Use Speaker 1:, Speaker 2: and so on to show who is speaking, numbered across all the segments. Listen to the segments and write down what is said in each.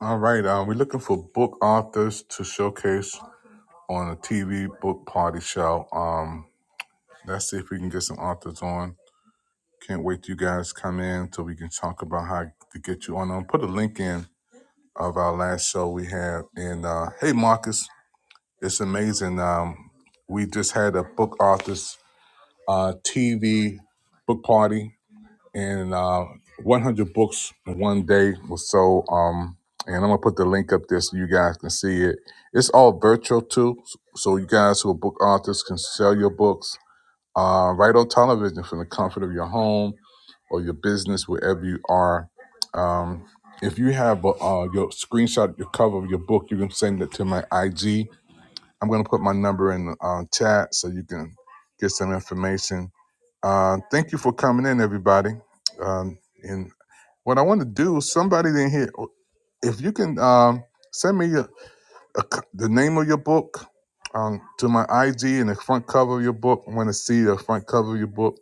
Speaker 1: All right. Um, we're looking for book authors to showcase on a TV book party show. Um, let's see if we can get some authors on. Can't wait till you guys come in so we can talk about how to get you on. Um, put a link in of our last show we had. And uh, hey, Marcus, it's amazing. Um, we just had a book authors uh, TV book party and uh, 100 books in one day or so. Um, and I'm gonna put the link up there so you guys can see it. It's all virtual too, so you guys who are book authors can sell your books uh, right on television from the comfort of your home or your business, wherever you are. Um, if you have uh, uh, your screenshot, your cover of your book, you can send it to my IG. I'm gonna put my number in the uh, chat so you can get some information. Uh, thank you for coming in, everybody. Um, and what I want to do, somebody in here, oh, if you can um, send me a, a c the name of your book um, to my IG and the front cover of your book. I want to see the front cover of your book.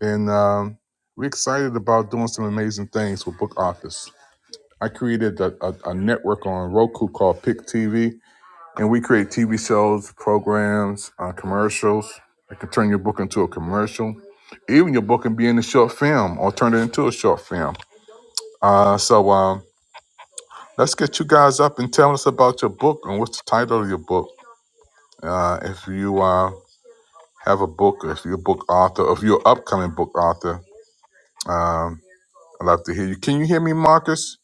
Speaker 1: And um, we're excited about doing some amazing things with book authors. I created a, a, a network on Roku called Pick TV, and we create TV shows, programs, uh, commercials. I can turn your book into a commercial. Even your book can be in a short film or turn it into a short film. Uh, so, um, Let's get you guys up and tell us about your book and what's the title of your book. Uh, if you uh, have a book, if you're a book author, if you're an upcoming book author, um, I'd love to hear you. Can you hear me, Marcus?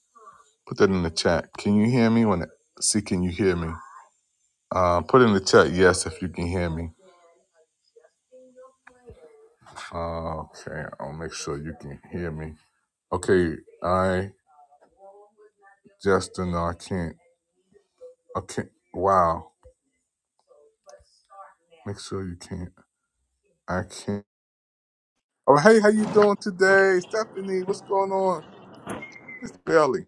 Speaker 1: Put that in the chat. Can you hear me? When see, can you hear me? Uh, put in the chat yes if you can hear me. Uh, okay, I'll make sure you can hear me. Okay, I Justin, no, I can't. I can't. Wow, make sure you can't. I can't. Oh, hey, how you doing today, Stephanie? What's going on? It's Billy.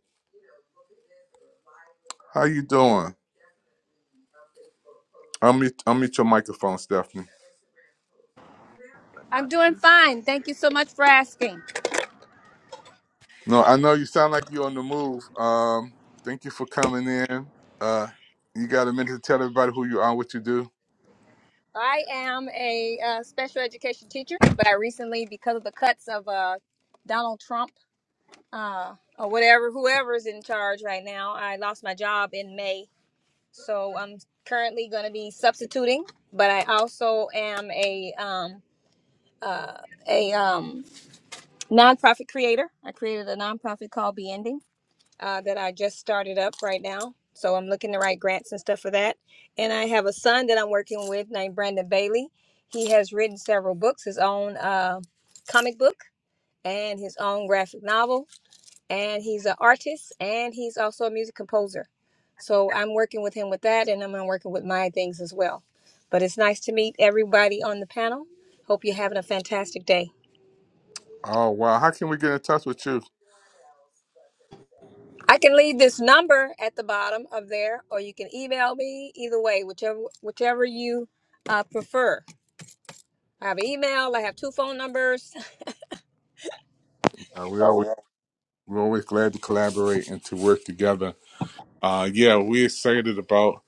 Speaker 1: How you doing? I'll meet I'll meet your microphone, Stephanie.
Speaker 2: I'm doing fine. Thank you so much for asking.
Speaker 1: No, I know you sound like you're on the move. Um, thank you for coming in. Uh, you got a minute to tell everybody who you are, what you do.
Speaker 2: I am a uh, special education teacher, but I recently, because of the cuts of uh, Donald Trump uh, or whatever, whoever is in charge right now, I lost my job in May. So I'm currently going to be substituting, but I also am a um, uh, a um, nonprofit creator. I created a nonprofit called Be Ending uh, that I just started up right now. So I'm looking to write grants and stuff for that. And I have a son that I'm working with named Brandon Bailey. He has written several books, his own uh, comic book and his own graphic novel. And he's an artist and he's also a music composer. So I'm working with him with that and I'm working with my things as well. But it's nice to meet everybody on the panel. Hope you're having a fantastic day.
Speaker 1: Oh wow, how can we get in touch with you?
Speaker 2: I can leave this number at the bottom of there, or you can email me. Either way, whichever whichever you uh, prefer. I have an email. I have two phone numbers.
Speaker 1: Uh, we always
Speaker 2: Wow.
Speaker 1: we're always glad to collaborate and to work together. Uh, yeah, we're excited about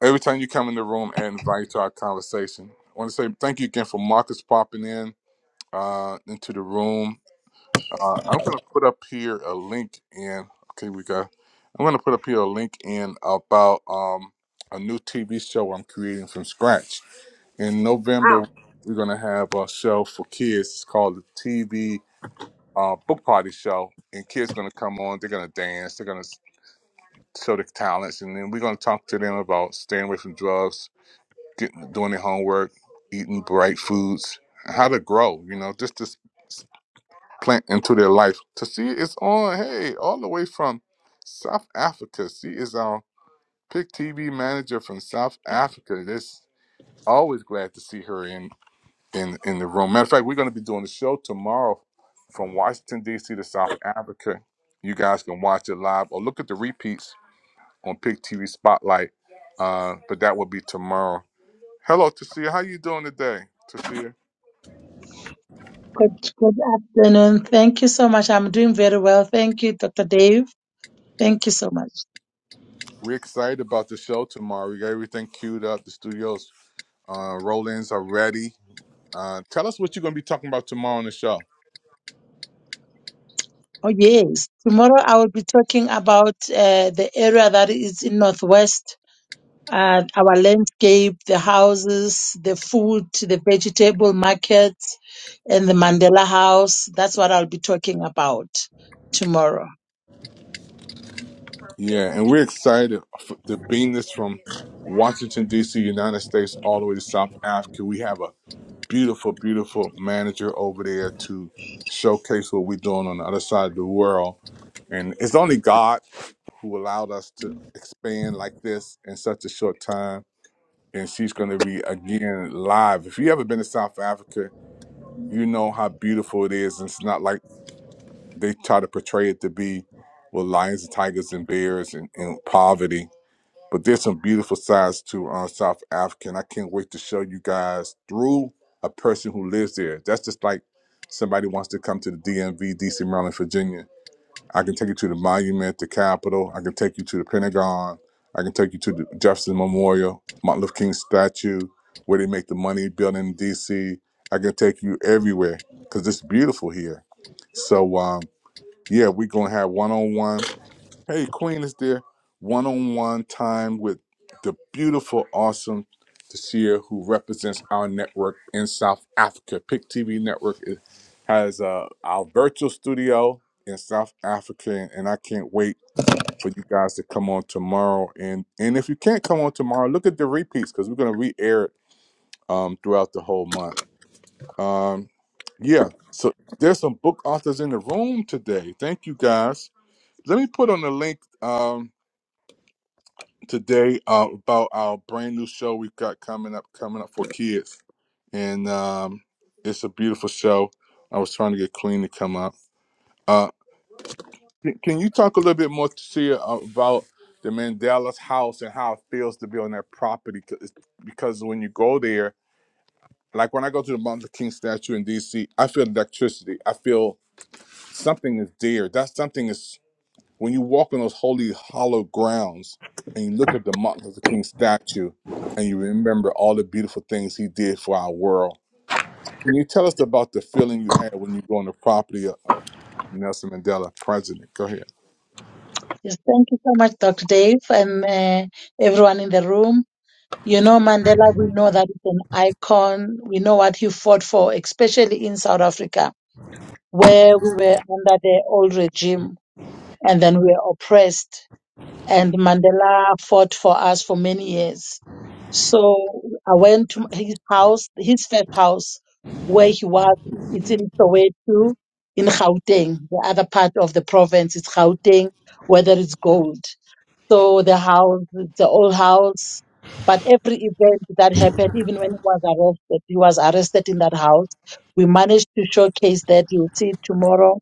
Speaker 1: every time you come in the room and invite to our conversation. I want to say thank you again for Marcus popping in uh, into the room. Uh, I'm going to put up here a link in. Okay, we got. I'm going to put up here a link in about um, a new TV show I'm creating from scratch. In November, we're going to have a show for kids. It's called the TV uh, Book Party Show, and kids going to come on. They're going to dance. They're going to show their talents, and then we're going to talk to them about staying away from drugs, getting doing their homework, eating bright foods, how to grow. You know, just this plant into their life. To see it's on, hey, all the way from South Africa. See is our Pick TV manager from South Africa. This always glad to see her in in in the room. Matter of fact, we're going to be doing the show tomorrow from Washington D.C. to South Africa. You guys can watch it live or look at the repeats on Pick TV Spotlight. Uh, but that will be tomorrow. Hello, Tasia. How you doing today, Tasia?
Speaker 3: Good, good afternoon. Thank you so much. I'm doing very well. Thank you, Dr. Dave. Thank you so much.
Speaker 1: We're excited about the show tomorrow. We got everything queued up. The studios Uh, roll-ins are ready. Uh, tell us what you're going to be talking about tomorrow on the show.
Speaker 3: Oh, yes. Tomorrow I will be talking about uh, the area that is in Northwest, uh, our landscape, the houses, the food, the vegetable market, and the Mandela House. That's what I'll be talking about tomorrow.
Speaker 1: Yeah, and we're excited for, to bring this from Washington, D.C., United States, all the way to South Africa. We have a beautiful, beautiful manager over there to showcase what we're doing on the other side of the world. And it's only God who allowed us to expand like this in such a short time. And she's going to be again live. If you ever been to South Africa, you know how beautiful it is. it's not like they try to portray it to be with lions and tigers and bears and, and poverty. But there's some beautiful sides to uh, South Africa, and I can't wait to show you guys through a person who lives there. That's just like somebody wants to come to the DMV, DC, Maryland, Virginia. I can take you to the monument, the Capitol. I can take you to the Pentagon. I can take you to the Jefferson Memorial, Martin Luther King statue, where they make the money building in DC. I can take you everywhere because it's beautiful here. So um, yeah, we're gonna have one on one. Hey, Queen is there. One on one time with the beautiful, awesome Tashia, who represents our network in South Africa. Pick TV Network is, has uh, our virtual studio in South Africa, and, and I can't wait for you guys to come on tomorrow. And and if you can't come on tomorrow, look at the repeats because we're gonna re-air it um, throughout the whole month. Um, yeah, so there's some book authors in the room today. Thank you guys. Let me put on the link um, today uh, about our brand new show we've got coming up, coming up for kids, and um, it's a beautiful show. I was trying to get Queen to come up. Uh, can, can you talk a little bit more, Tia, about the Mandela's house and how it feels to be on that property? 'Cause it's- Because when you go there, like when I go to the Martin Luther King statue in D.C., I feel electricity. I feel something is there. That something is. When you walk on those holy, hollow grounds and you look at the Martin Luther King statue and you remember all the beautiful things he did for our world, can you tell us about the feeling you had when you go on the property of, of Nelson Mandela, president? Go ahead.
Speaker 3: Yes, thank you so much, Dr. Dave, and uh, everyone in the room. You know, Mandela, we know that he's an icon. We know what he fought for, especially in South Africa, where we were under the old regime and then we were oppressed. And Mandela fought for us for many years. So I went to his house, his first house, where he was. It's in Soweto, in Gauteng, the other part of the province. is Gauteng, where there is gold. So the house, the old house, but every event that happened, even when he was arrested, he was arrested in that house. We managed to showcase that. You'll see it tomorrow.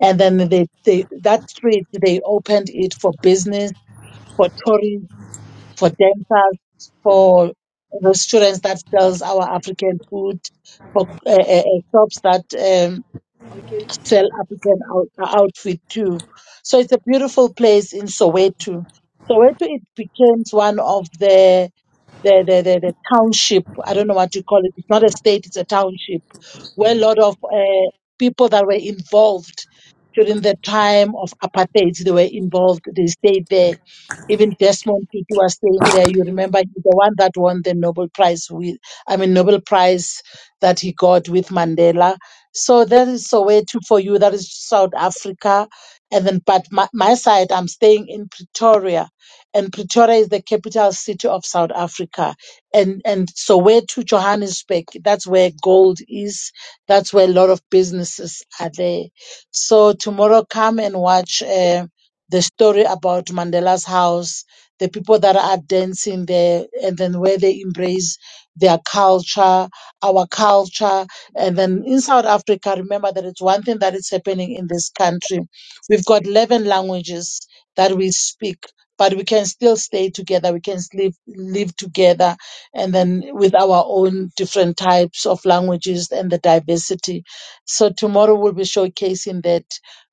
Speaker 3: And then they, they that street they opened it for business, for tourists, for dancers, for restaurants that sells our African food, for uh, uh, uh, shops that um, sell African out, outfit too. So it's a beautiful place in Soweto. Soweto it becomes one of the the, the, the, the township. I don't know what you call it. It's not a state, it's a township where a lot of uh, people that were involved during the time of apartheid, they were involved. They stayed there. Even Desmond Tutu was staying there. You remember he's the one that won the Nobel Prize with, I mean, Nobel Prize that he got with Mandela. So that is Soweto for you. That is South Africa. And then, but my, my side, I'm staying in Pretoria and Pretoria is the capital city of South Africa. And and so where to Johannesburg, that's where gold is. That's where a lot of businesses are there. So tomorrow come and watch uh, the story about Mandela's house, the people that are dancing there, and then where they embrace their culture, our culture. And then in South Africa, remember that it's one thing that is happening in this country. We've got 11 languages that we speak but we can still stay together we can live live together and then with our own different types of languages and the diversity so tomorrow we'll be showcasing that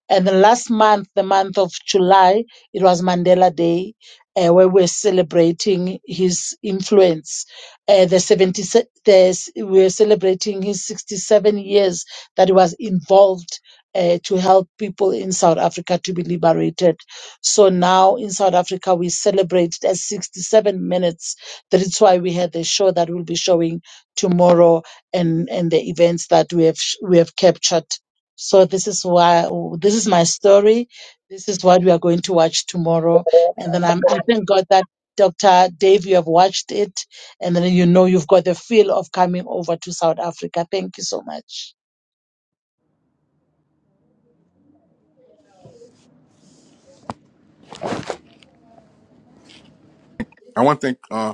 Speaker 3: and the last month the month of july it was mandela day uh, where we're celebrating his influence uh, the 70 se- the, we're celebrating his 67 years that he was involved uh, to help people in south africa to be liberated so now in South Africa, we celebrate it as 67 minutes. That is why we had the show that we'll be showing tomorrow and, and the events that we have, sh- we have captured. So this is why, this is my story. This is what we are going to watch tomorrow. And then I'm, I thank God that Dr. Dave, you have watched it. And then you know you've got the feel of coming over to South Africa. Thank you so much.
Speaker 1: I want to thank uh,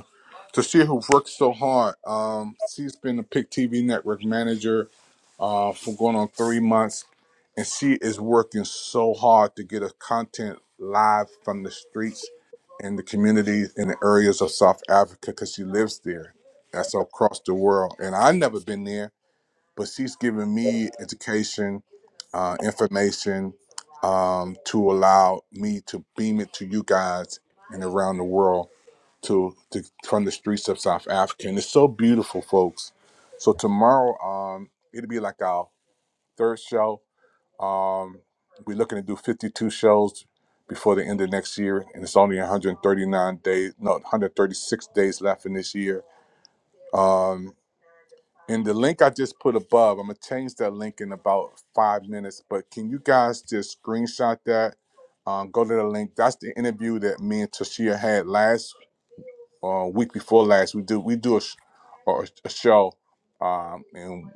Speaker 1: Tashia, who worked so hard. Um, she's been a PIC TV network manager uh, for going on three months, and she is working so hard to get her content live from the streets and the communities in the areas of South Africa because she lives there. That's across the world, and I've never been there, but she's giving me education, uh, information um, to allow me to beam it to you guys and around the world to, to from the streets of South Africa, and it's so beautiful, folks. So tomorrow, um, it'll be like our third show. Um, we're looking to do 52 shows before the end of next year, and it's only 139 days, no, 136 days left in this year. Um, and the link I just put above, I'm gonna change that link in about five minutes. But can you guys just screenshot that? Um, go to the link. That's the interview that me and Tashia had last uh, week before last. We do we do a, sh- a, a show, um, and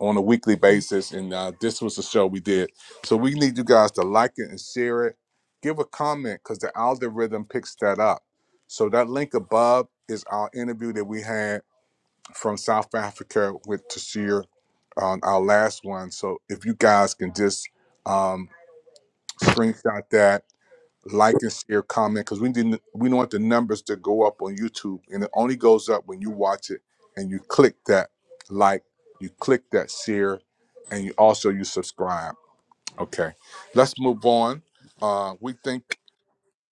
Speaker 1: on a weekly basis. And uh, this was the show we did. So we need you guys to like it and share it. Give a comment because the algorithm picks that up. So that link above is our interview that we had from South Africa with Tashir on our last one. So if you guys can just um, screenshot that like and share, comment, because we didn't we don't want the numbers to go up on YouTube, and it only goes up when you watch it and you click that like, you click that share, and you also you subscribe. Okay, let's move on. Uh, we think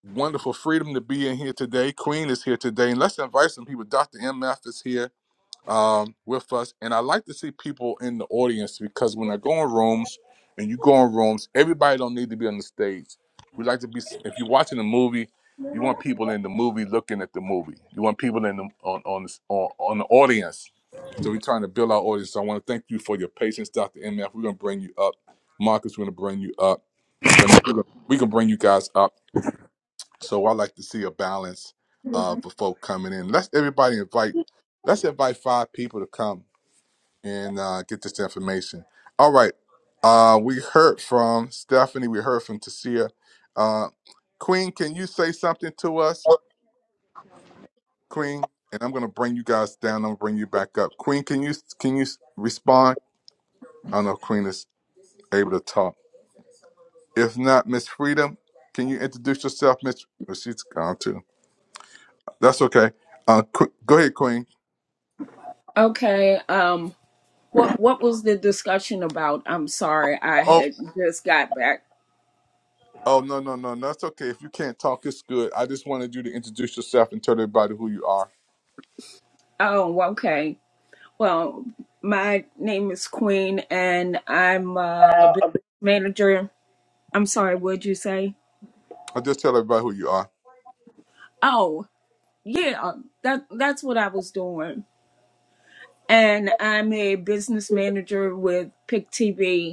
Speaker 1: wonderful freedom to be in here today. Queen is here today, and let's invite some people. Dr. MF is here um, with us. And I like to see people in the audience because when I go in rooms and you go in rooms, everybody don't need to be on the stage. We like to be. If you're watching a movie, you want people in the movie looking at the movie. You want people in the on on this, on, on the audience. So we're trying to build our audience. So I want to thank you for your patience, Dr. MF. We're gonna bring you up. Marcus, we're gonna bring you up. Brendan, we're gonna- We can bring you guys up. So I like to see a balance uh, for folk coming in. Let's everybody invite. Let's invite five people to come and uh, get this information. All right. Uh, we heard from Stephanie. We heard from Tasia. Uh, Queen, can you say something to us, Queen? And I'm gonna bring you guys down. I'm gonna bring you back up. Queen, can you can you respond? I don't know if Queen is able to talk. If not, Miss Freedom, can you introduce yourself, Miss? Well, she's gone too. That's okay. Uh, Qu- go ahead, Queen.
Speaker 4: Okay. Um. What What was the discussion about? I'm sorry, I
Speaker 1: Oh,
Speaker 4: had just got back.
Speaker 1: oh no, no, no, no. That's okay. If you can't talk, it's good. I just wanted you to introduce yourself and tell everybody who you are.
Speaker 4: Oh, okay. Well, my name is Queen, and I'm uh, a business manager. I'm sorry. What'd you say?
Speaker 1: I'll just tell everybody who you are.
Speaker 4: Oh, yeah. That That's what I was doing, and I'm a business manager with Pick TV.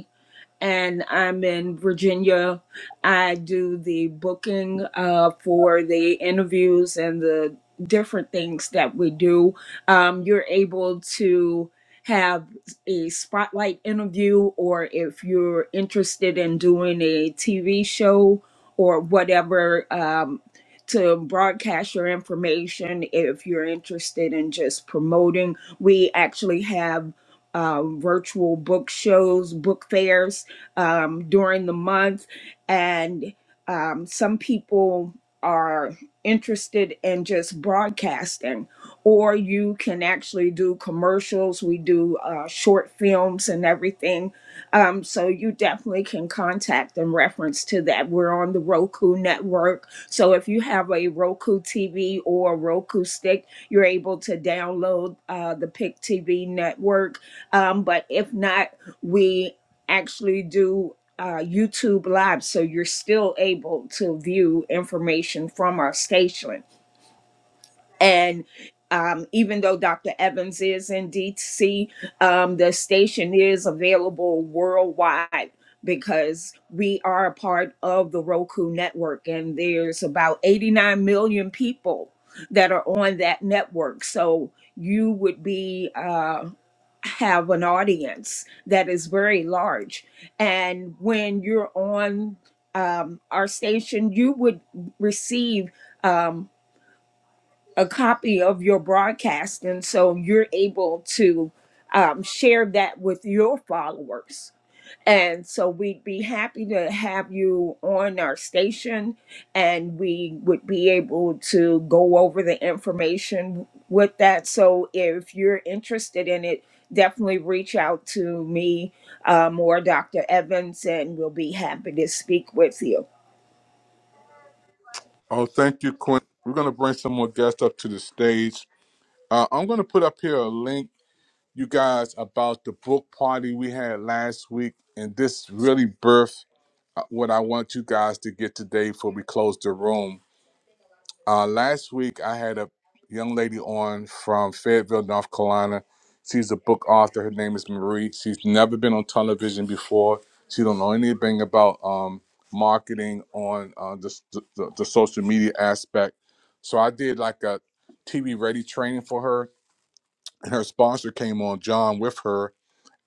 Speaker 4: and I'm in Virginia. I do the booking uh, for the interviews and the different things that we do. Um, you're able to have a spotlight interview, or if you're interested in doing a TV show or whatever. Um, to broadcast your information if you're interested in just promoting. We actually have um, virtual book shows, book fairs um, during the month. And um, some people are interested in just broadcasting, or you can actually do commercials. We do uh, short films and everything. Um, so you definitely can contact in reference to that. We're on the Roku network. So if you have a Roku TV or a Roku stick, you're able to download uh, the PIC TV network. Um, but if not, we actually do uh, YouTube Live, so you're still able to view information from our station. And um, even though Dr. Evans is in DC, um, the station is available worldwide because we are a part of the Roku network, and there's about 89 million people that are on that network. So you would be. uh, have an audience that is very large. And when you're on um, our station, you would receive um, a copy of your broadcast. And so you're able to um, share that with your followers. And so we'd be happy to have you on our station and we would be able to go over the information with that. So if you're interested in it, definitely reach out to me um, or Dr. Evans and we'll be happy to speak with you.
Speaker 1: Oh, thank you, Quinn. We're going to bring some more guests up to the stage. Uh, I'm going to put up here a link, you guys, about the book party we had last week. And this really birthed uh, what I want you guys to get today before we close the room. Uh, last week, I had a young lady on from Fayetteville, North Carolina. She's a book author. Her name is Marie. She's never been on television before. She don't know anything about um, marketing on uh, the, the the social media aspect. So I did like a TV ready training for her, and her sponsor came on John with her,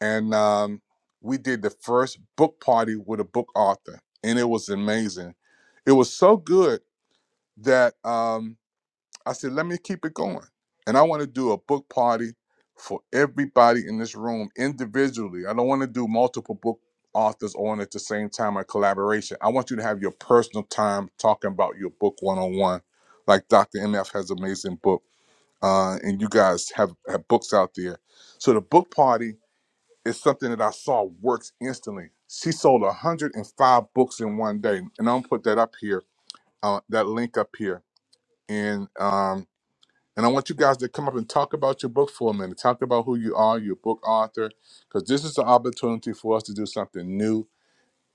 Speaker 1: and um, we did the first book party with a book author, and it was amazing. It was so good that. Um, I said, let me keep it going. And I want to do a book party for everybody in this room individually. I don't want to do multiple book authors on at the same time or collaboration. I want you to have your personal time talking about your book one on one. Like Dr. MF has an amazing book, uh, and you guys have, have books out there. So the book party is something that I saw works instantly. She sold 105 books in one day. And I'm gonna put that up here, uh, that link up here. And um. And I want you guys to come up and talk about your book for a minute. Talk about who you are, your book author, because this is the opportunity for us to do something new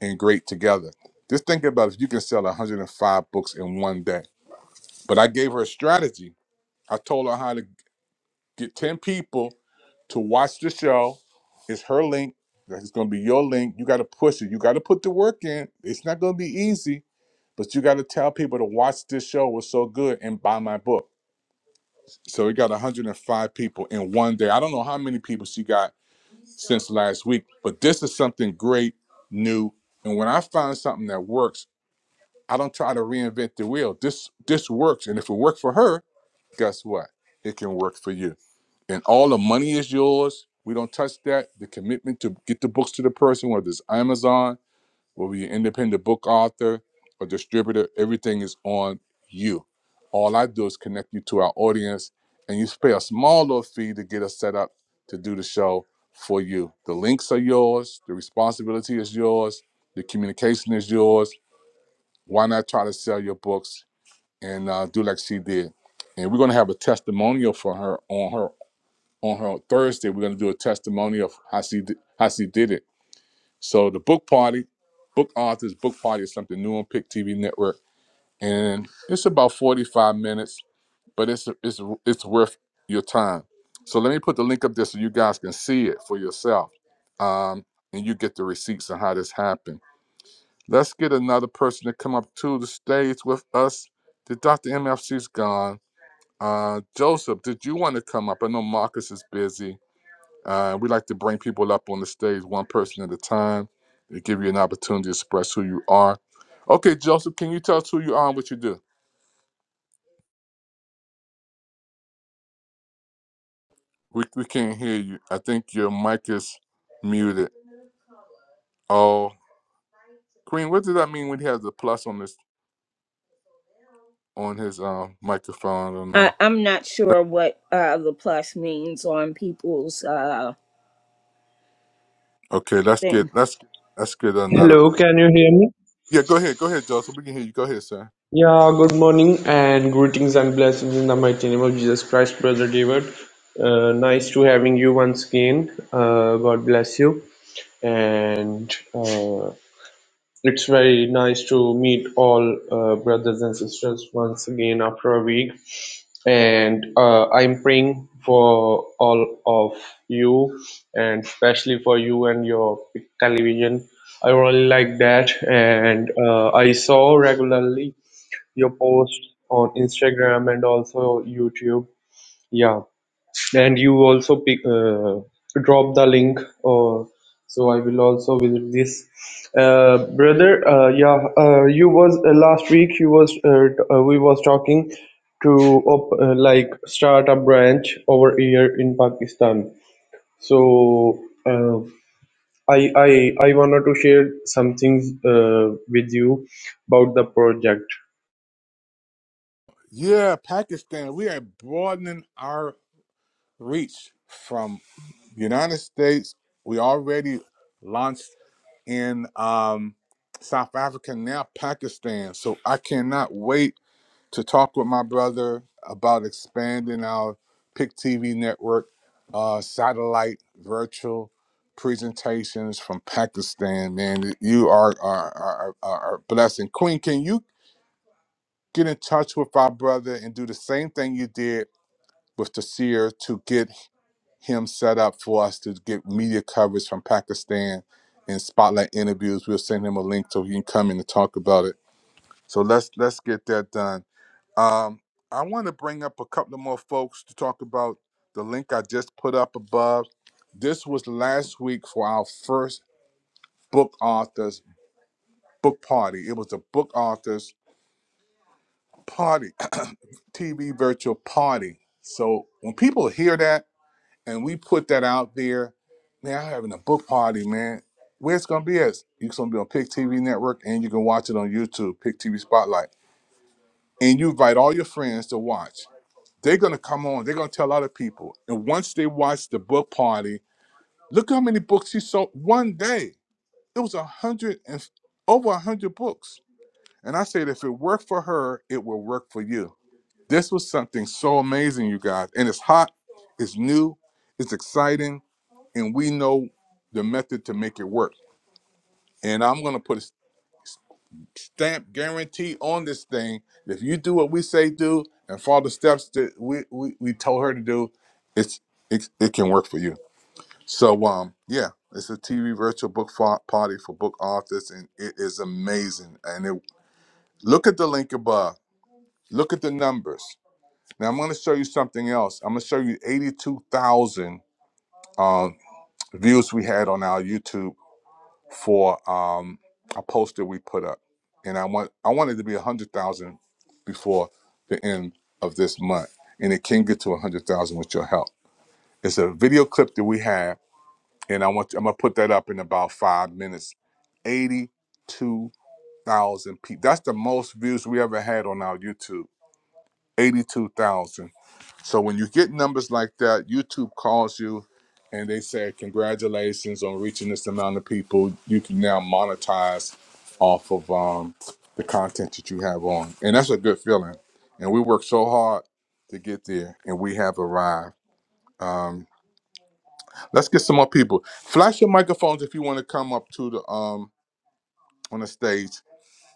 Speaker 1: and great together. Just think about if you can sell 105 books in one day. But I gave her a strategy. I told her how to get 10 people to watch the show. It's her link. That's going to be your link. You got to push it. You got to put the work in. It's not going to be easy, but you got to tell people to watch this show. It's so good and buy my book. So we got 105 people in one day. I don't know how many people she got since last week, but this is something great, new. And when I find something that works, I don't try to reinvent the wheel. This this works, and if it worked for her, guess what? It can work for you. And all the money is yours. We don't touch that. The commitment to get the books to the person, whether it's Amazon, whether you're an independent book author or distributor, everything is on you. All I do is connect you to our audience, and you pay a small little fee to get us set up to do the show for you. The links are yours, the responsibility is yours, the communication is yours. Why not try to sell your books and uh, do like she did? And we're gonna have a testimonial for her on her on her Thursday. We're gonna do a testimonial of how she did, how she did it so the book party, book authors, book party is something new on Pick TV Network, and it's about forty five minutes, but it's it's it's worth your time. So let me put the link up there so you guys can see it for yourself, um, and you get the receipts on how this happened. Let's get another person to come up to the stage with us. The Dr. MFC's gone. Uh, Joseph, did you want to come up? I know Marcus is busy. Uh, we like to bring people up on the stage one person at a time to give you an opportunity to express who you are. Okay, Joseph, can you tell us who you are and what you do? We, we can't hear you. I think your mic is muted. Oh, Queen, what does that mean when he has the plus on this on his um, microphone? I don't know.
Speaker 4: I, I'm not sure what uh, the plus means on people's uh,
Speaker 1: Okay, let's get
Speaker 4: thing.
Speaker 1: let's get- let's get another.
Speaker 5: Hello, can you hear me?
Speaker 1: Yeah, go ahead, go ahead, Joseph. We can hear you. Go ahead, sir.
Speaker 5: Yeah, good morning and greetings and blessings in the mighty name of Jesus Christ, Brother David. Uh, nice to having you once again. Uh, God bless you. And uh, it's very nice to meet all uh, brothers and sisters once again after a week. And uh, I'm praying for all of you and especially for you and your television. I really like that. And uh, I saw regularly your posts on Instagram and also YouTube. Yeah, and you also pick, uh, drop the link. Uh, so I will also visit this, uh, brother. Uh, yeah, uh, you was uh, last week. You was uh, t- uh, we was talking to op- uh, like start a branch over here in Pakistan. So uh, I I I wanted to share some things uh, with you about the project.
Speaker 1: Yeah, Pakistan, we are broadening our reach from. United States, we already launched in um, South Africa, now Pakistan. So I cannot wait to talk with my brother about expanding our Pick TV network, uh, satellite, virtual presentations from Pakistan. Man, you are, are, are, are are a blessing. Queen, can you get in touch with our brother and do the same thing you did with Tasir to get him set up for us to get media coverage from Pakistan and spotlight interviews. We'll send him a link so he can come in and talk about it. So let's let's get that done. Um, I want to bring up a couple of more folks to talk about the link I just put up above. This was last week for our first book authors book party. It was a book authors party, TV virtual party. So when people hear that. and we put that out there. Man, I'm having a book party, man. Where it's gonna be at? It's gonna be on Pick TV Network, and you can watch it on YouTube, Pick TV Spotlight. And you invite all your friends to watch. They're gonna come on. They're gonna tell other people. And once they watch the book party, look how many books he sold one day. It was a hundred and over a hundred books. And I said, if it worked for her, it will work for you. This was something so amazing, you guys. And it's hot. It's new. It's exciting and we know the method to make it work. And I'm gonna put a stamp guarantee on this thing. If you do what we say do and follow the steps that we we, we told her to do, it's it, it can work for you. So um yeah, it's a TV virtual book fa- party for book authors, and it is amazing. And it, look at the link above. Look at the numbers. Now I'm gonna show you something else. I'm gonna show you 82,000 um, views we had on our YouTube for um, a post that we put up, and I want I wanted to be a hundred thousand before the end of this month, and it can get to a hundred thousand with your help. It's a video clip that we have, and I want I'm gonna put that up in about five minutes. Eighty-two thousand people. That's the most views we ever had on our YouTube. Eighty-two thousand so when you get numbers like that, YouTube calls you and they say, Congratulations on reaching this amount of people. You can now monetize off of um, the content that you have on. And that's a good feeling. And we worked so hard to get there and we have arrived. Um, let's get some more people. Flash your microphones if you want to come up to the um on the stage.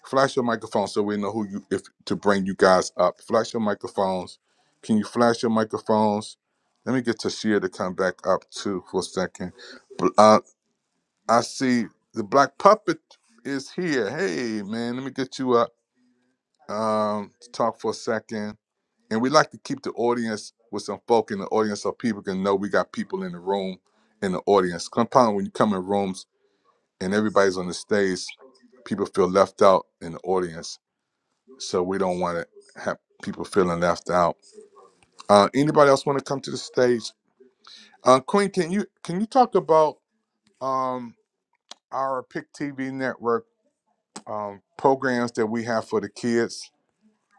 Speaker 1: Flash your microphone so we know who you if to bring you guys up. Flash your microphones. Can you flash your microphones? Let me get Tashia to come back up too for a second. Bl- Uh, I see the black puppet is here. Hey man, let me get you up um, to talk for a second. And we like to keep the audience with some folk in the audience so people can know we got people in the room in the audience. Compound when you come in rooms and everybody's on the stage, people feel left out in the audience so we don't want to have people feeling left out. Uh, anybody else want to come to the stage? Uh, Queen, can you can you talk about um, our Pick TV network um, programs that we have for the kids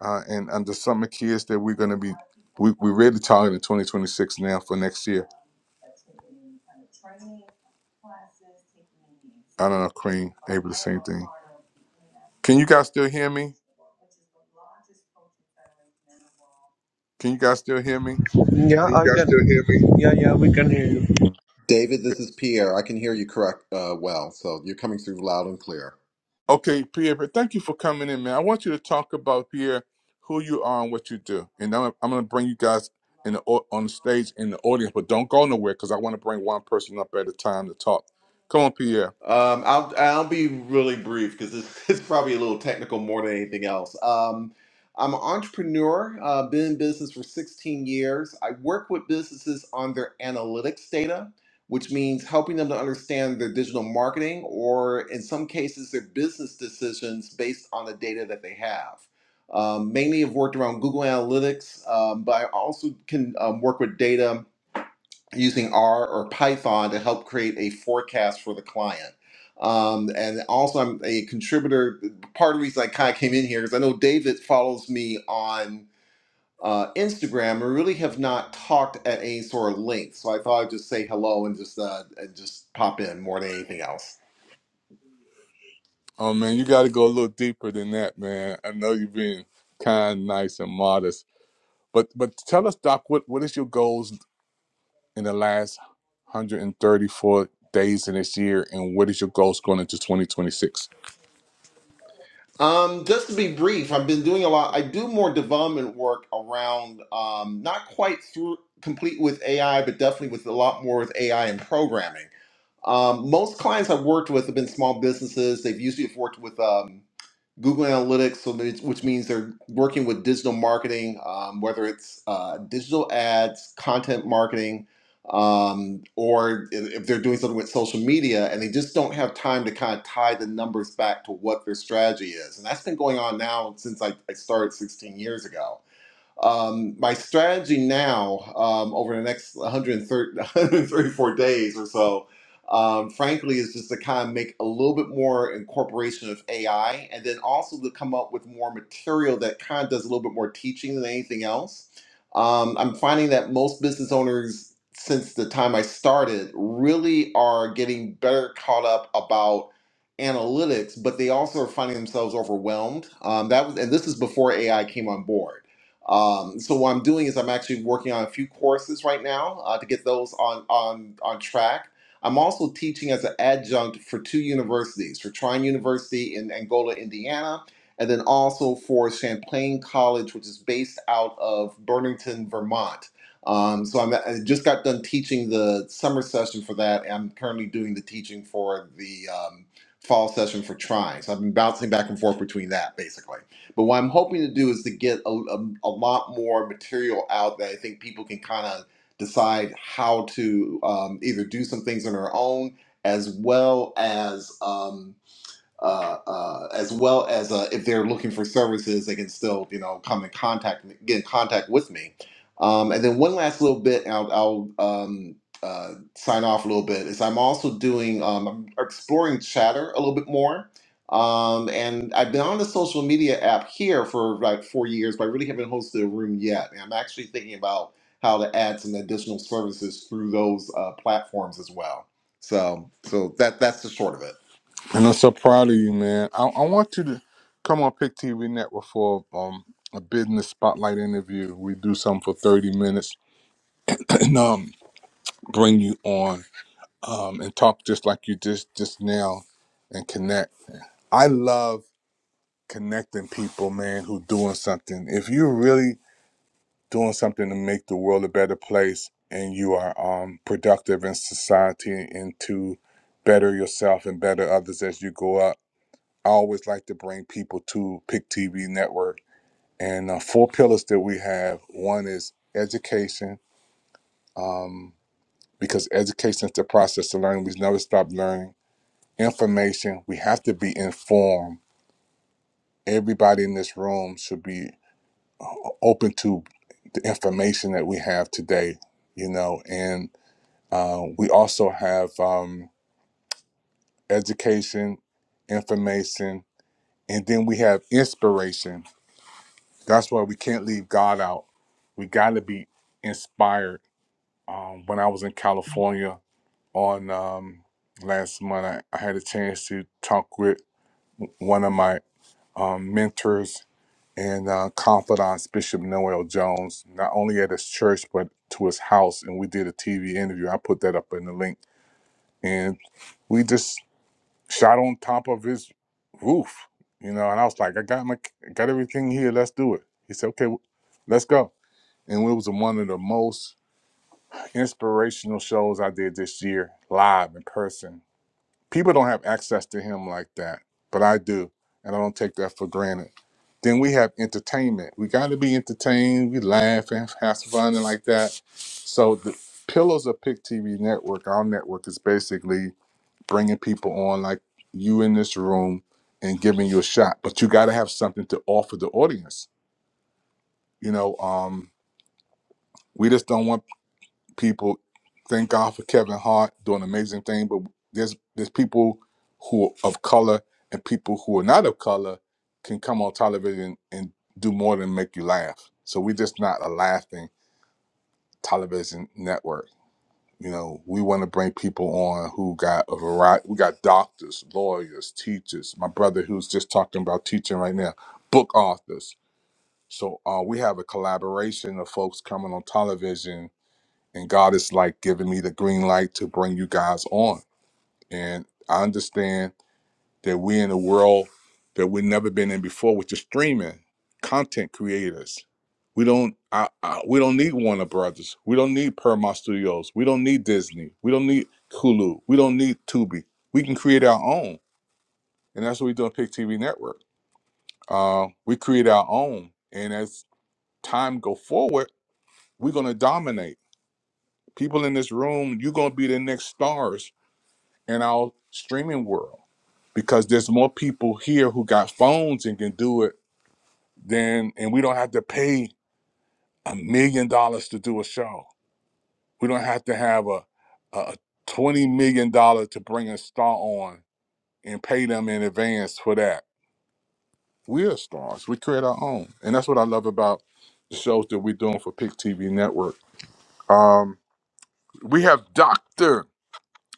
Speaker 1: uh, and under summer kids that we're going to be we, we're really targeting 2026 now for next year. I don't know, Queen, able to same thing. Can you guys still hear me? Can you guys still hear me?
Speaker 5: Yeah, You I guys can. still hear me? Yeah, yeah, we can hear you.
Speaker 6: David, this is Pierre. I can hear you correct uh, well, so you're coming through loud and clear.
Speaker 1: Okay, Pierre, but thank you for coming in, man. I want you to talk about Pierre, who you are and what you do. And I'm, I'm going to bring you guys in the au- on the stage in the audience, but don't go nowhere because I want to bring one person up at a time to talk. Come on, Pierre.
Speaker 6: Um, I'll I'll be really brief because this is probably a little technical more than anything else. Um, I'm an entrepreneur. Uh, been in business for 16 years. I work with businesses on their analytics data, which means helping them to understand their digital marketing or, in some cases, their business decisions based on the data that they have. Um, mainly, I've worked around Google Analytics, um, but I also can um, work with data using R or Python to help create a forecast for the client. Um, and also, I'm a contributor. Part of the reason I kind of came in here is I know David follows me on uh, Instagram. and We really have not talked at any sort of length, so I thought I'd just say hello and just uh, and just pop in more than anything else.
Speaker 1: Oh man, you got to go a little deeper than that, man. I know you've been kind, nice, and modest, but but tell us, Doc, what what is your goals in the last 134 days in this year, and what is your goals going into 2026?
Speaker 6: Um, just to be brief, I've been doing a lot. I do more development work around um, not quite through complete with AI, but definitely with a lot more with AI and programming. Um, most clients I've worked with have been small businesses. They've usually have worked with um, Google Analytics, so means- which means they're working with digital marketing, um, whether it's uh, digital ads, content marketing, um, or if if they're doing something with social media, and they just don't have time to kind of tie the numbers back to what their strategy is. And that's been going on now since I, I started 16 years ago um, my strategy now, um, over the next 130, 134 days or so, um, frankly, is just to kind of make a little bit more incorporation of AI and then also to come up with more material that kind of does a little bit more teaching than anything else. Um, I'm finding that most business owners, since the time I started, really are getting better caught up about analytics, but they also are finding themselves overwhelmed. Um, that was, and this is before AI came on board um, so what I'm doing is I'm actually working on a few courses right now uh, to get those on on on track. I'm also teaching as an adjunct for two universities, for Trine University in Angola, Indiana, and then also for Champlain College, which is based out of Burlington, Vermont. Um, so I'm, I just got done teaching the summer session for that, and I'm currently doing the teaching for the um, fall session for Trine. So I've been bouncing back and forth between that, basically. But what I'm hoping to do is to get a, a, a lot more material out that I think people can kind of decide how to um, either do some things on their own as well as. Um, uh, uh, as well as uh, if they're looking for services, they can still you know come in contact get in contact with me. Um, and then one last little bit, and I'll, I'll um, uh, sign off a little bit. Is I'm also doing um, I'm exploring Chatter a little bit more. Um, and I've been on the social media app here for like four years, but I really haven't hosted a room yet. And I'm actually thinking about how to add some additional services through those uh, platforms as well. So, so that that's the short of it.
Speaker 1: And I'm so proud of you, man. I, I want you to come on Pick TV Network for um, a business spotlight interview. We do something for 30 minutes and um, bring you on um, and talk just like you just just now and connect. I love connecting people, man, who doing something. If you're really doing something to make the world a better place and you are um, productive in society and to better yourself and better others as you go up I always like to bring people to Pick TV Network. And uh, four pillars that we have one is education, um, because education is the process of learning. We never stop learning. Information, we have to be informed. Everybody in this room should be open to the information that we have today, you know. And uh, we also have um, education, information, and then we have inspiration That's why we can't leave God out. We got to be inspired. Um, when I was in California on um, last month, I, I had a chance to talk with one of my um, mentors and uh, confidants, Bishop Noel Jones, not only at his church, but to his house. And we did a TV interview. I put that up in the link. And we just shot on top of his roof, you know. And I was like, I got my, got everything here. Let's do it. He said, okay, w- let's go and it was one of the most inspirational shows I did this year, live in person. People don't have access to him like that, but I do, and I don't take that for granted. Then we have entertainment. We got to be entertained. We laugh and have fun and like that. So the pillars of Pick TV Network, our network, is basically bringing people on like you in this room and giving you a shot. But you got to have something to offer the audience. You know, um, we just don't want people thank God for Kevin Hart doing an amazing thing, but there's there's people who are of color and people who are not of color can come on television and do more than make you laugh. So we're just not a laughing television network. You know, we want to bring people on who got a variety. We got doctors, lawyers, teachers. My brother, who's just talking about teaching right now, book authors. So uh, we have a collaboration of folks coming on television and God is like giving me the green light to bring you guys on. And I understand that we're in a world that we've never been in before, which is streaming content creators. We don't, I, I, we don't need Warner Brothers. We don't need Paramount Studios. We don't need Disney. We don't need Hulu. We don't need Tubi. We can create our own, and that's what we do on Pick TV Network. Uh, we create our own, and as time go forward, we're gonna dominate. People in this room, you're gonna be the next stars in our streaming world because there's more people here who got phones and can do it than and we don't have to pay a million dollars to do a show. We don't have to have a a twenty million dollar to bring a star on and pay them in advance for that. We're stars. We create our own. And that's what I love about the shows that we're doing for Pick TV Network. Um we have Dr.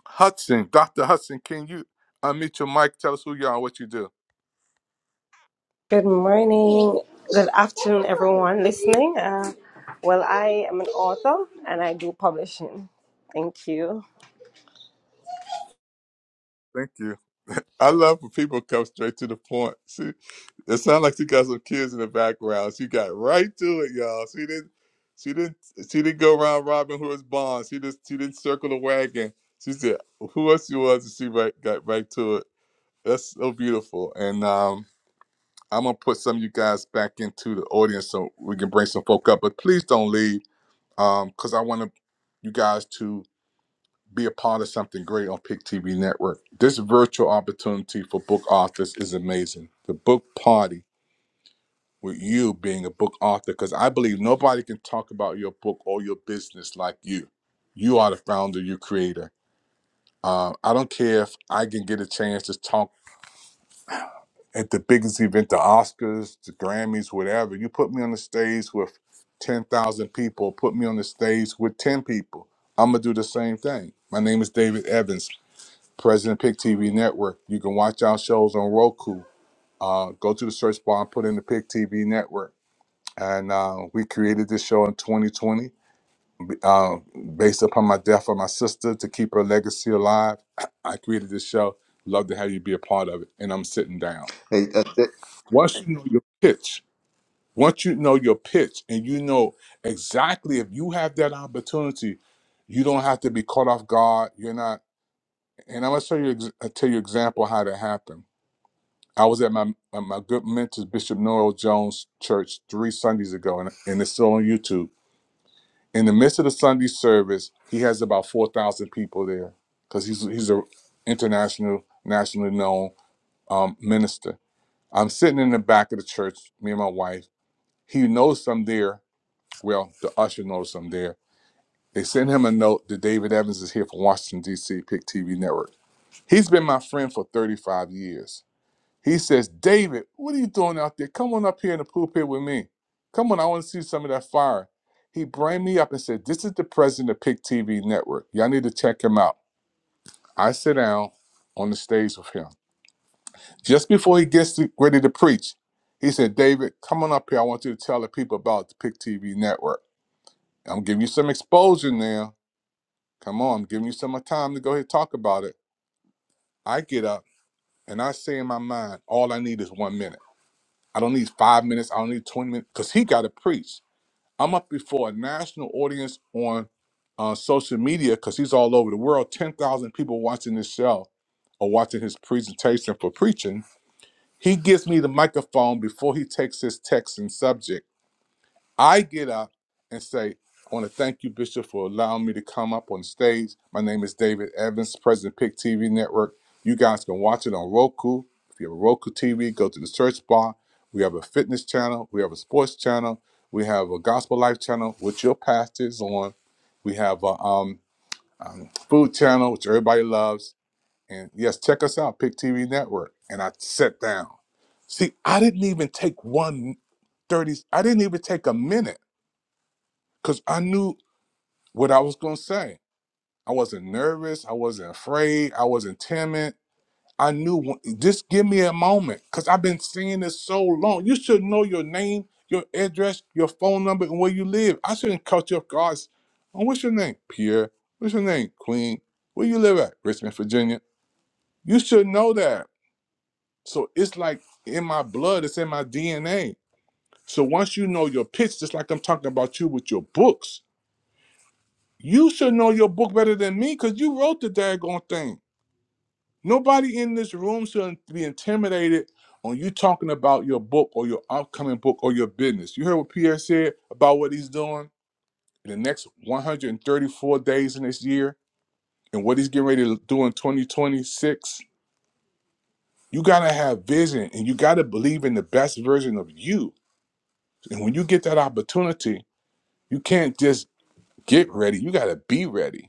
Speaker 1: Hudson. Dr. Hudson, can you unmute your mic? Tell us who you are, and what you do.
Speaker 7: Good morning, good afternoon, everyone listening. Uh, well, I am an author and I do publishing. Thank you.
Speaker 1: Thank you. I love when people come straight to the point. See, it sounds like she got some kids in the background. She got right to it, y'all. She didn't, she didn't, she didn't go around Robin Hood's bond. She just, she didn't circle the wagon. She said, "Who else you was?" And she right, got right to it. That's so beautiful. And um, I'm gonna put some of you guys back into the audience so we can bring some folk up. But please don't leave, um, because I want to you guys to be a part of something great on Pick TV Network. This virtual opportunity for book authors is amazing. The book party with you being a book author, because I believe nobody can talk about your book or your business like you. You are the founder, you creator. Uh, I don't care if I can get a chance to talk at the biggest event, the Oscars, the Grammys, whatever. You put me on the stage with 10,000 people, put me on the stage with 10 people. I'm going to do the same thing. My name is David Evans. President Pick TV Network. You can watch our shows on Roku. Uh, go to the search bar and put in the Pick TV Network. And uh, we created this show in 2020 uh, based upon my death of my sister to keep her legacy alive. I created this show. Love to have you be a part of it. And I'm sitting down.
Speaker 6: Hey, uh,
Speaker 1: Once you know your pitch, once you know your pitch and you know exactly if you have that opportunity, you don't have to be caught off guard. You're not. And I'm going to show you, ex- I'll tell you example how that happened I was at my at my good mentor Bishop Noel Jones Church three Sundays ago, and, and it's still on YouTube. In the midst of the Sunday service, he has about four thousand people there because he's he's a international, nationally known um, minister. I'm sitting in the back of the church, me and my wife. He knows I'm there. Well, the usher knows I'm there. They send him a note that David Evans is here from Washington D.C. Pick TV Network. He's been my friend for 35 years. He says, David, what are you doing out there? Come on up here in the pulpit with me. Come on, I want to see some of that fire. He brought me up and said, This is the president of Pick TV Network. Y'all need to check him out. I sit down on the stage with him. Just before he gets to- ready to preach, he said, David, come on up here. I want you to tell the people about the Pick TV Network. I'm giving you some exposure now. Come on, I'm giving you some time to go ahead and talk about it. I get up and I say in my mind, all I need is one minute. I don't need five minutes. I don't need 20 minutes because he got to preach. I'm up before a national audience on uh, social media because he's all over the world. 10,000 people watching this show or watching his presentation for preaching. He gives me the microphone before he takes his text and subject. I get up and say, I want to thank you, Bishop, for allowing me to come up on stage. My name is David Evans, President Pick TV Network. You guys can watch it on Roku. If you have a Roku TV, go to the search bar. We have a fitness channel. We have a sports channel. We have a gospel life channel, which your pastor is on. We have a um, um, food channel, which everybody loves. And yes, check us out, Pick TV Network. And I sat down. See, I didn't even take one 30. I didn't even take a minute because I knew what I was going to say. I wasn't nervous. I wasn't afraid. I wasn't timid. I knew when- just give me a moment because I've been singing this so long. You should know your name, your address, your phone number, and where you live. I shouldn't cut you off guards. Oh, what's your name? Pierre. What's your name? Queen. Where you live at? Richmond, Virginia. You should know that. So it's like in my blood, it's in my DNA. So once you know your pitch, just like I'm talking about you with your books, You should know your book better than me because you wrote the daggone thing. Nobody in this room should be intimidated on you talking about your book or your upcoming book or your business. You heard what Pierre said about what he's doing in the next 134 days in this year and what he's getting ready to do in 2026. You got to have vision and you got to believe in the best version of you. And when you get that opportunity, you can't just get ready, you got to be ready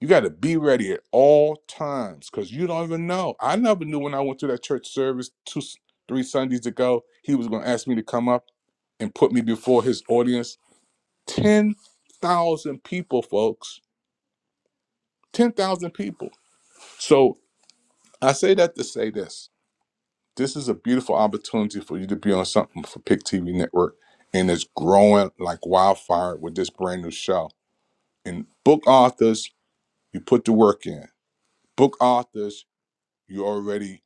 Speaker 1: You got to be ready at all times because you don't even know. I never knew when I went to that church service two, three Sundays ago, he was going to ask me to come up and put me before his audience. 10,000 people, folks. 10,000 people. So I say that to say this this is a beautiful opportunity for you to be on something for Pick TV Network, and it's growing like wildfire with this brand new show. And book authors, you put the work in. Book authors, you already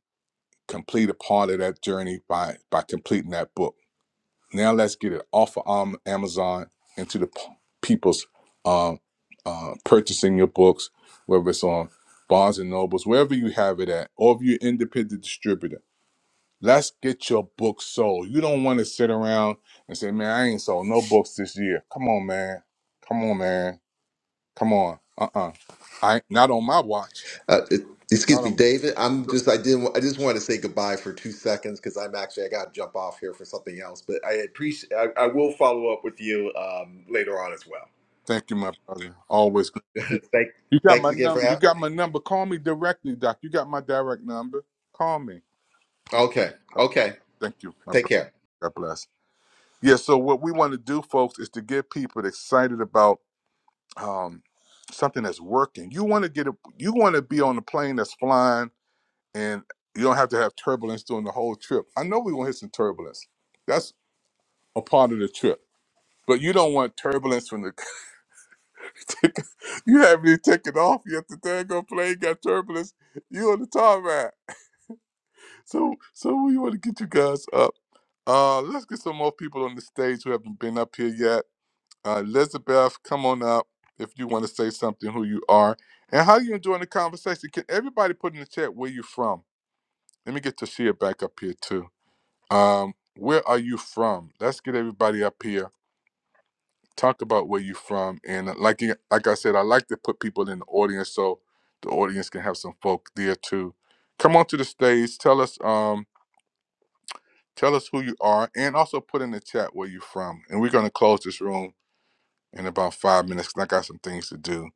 Speaker 1: complete a part of that journey by by completing that book. Now let's get it off of um, Amazon into the p- people's uh, uh, purchasing your books, whether it's on Barnes and Nobles, wherever you have it at, or if you're an independent distributor. Let's get your book sold. You don't want to sit around and say, "Man, I ain't sold no books this year." Come on, man. Come on, man. Come on. Uh-uh. I not on my watch.
Speaker 6: Uh, it-
Speaker 1: Not
Speaker 6: excuse me,
Speaker 1: on.
Speaker 6: David. I'm just I didn't I just wanted to say goodbye for two seconds because I'm actually I got to jump off here for something else. But I appreciate I, I will follow up with you um, later on as well.
Speaker 1: Thank you, my brother. Always good to see you.
Speaker 6: Thank
Speaker 1: You got my
Speaker 6: thanks again for
Speaker 1: number. You
Speaker 6: having
Speaker 1: got
Speaker 6: me.
Speaker 1: my number. Call me directly, Doc. You got my direct number. Call me.
Speaker 6: Okay,
Speaker 1: Okay,
Speaker 6: okay.
Speaker 1: thank you, my
Speaker 6: Take
Speaker 1: brother.
Speaker 6: care.
Speaker 1: God bless. Yeah, so what we want to do, folks, is to get people excited about um, something that's working. You want to get a, you want to be on a plane that's flying and you don't have to have turbulence during the whole trip. I know we're going to hit some turbulence. That's a part of the trip. But you don't want turbulence from the you haven't even taken off yet. The daggone plane got turbulence. You on the tarmac. So so we want to get you guys up. Uh let's get some more people on the stage who haven't been up here yet. Uh Elizabeth, come on up if you want to say something who you are. And how you enjoying the conversation? Can everybody put in the chat where you from? Let me get Tashia back up here too. Um, where are you from? Let's get everybody up here talk about where you from and uh, like you- like I said, I like to put people in the audience so the audience can have some folk there too. Come on to the stage, tell us um tell us who you are and also put in the chat where you're from. And we're gonna close this room in about five minutes 'cause I got some things to do.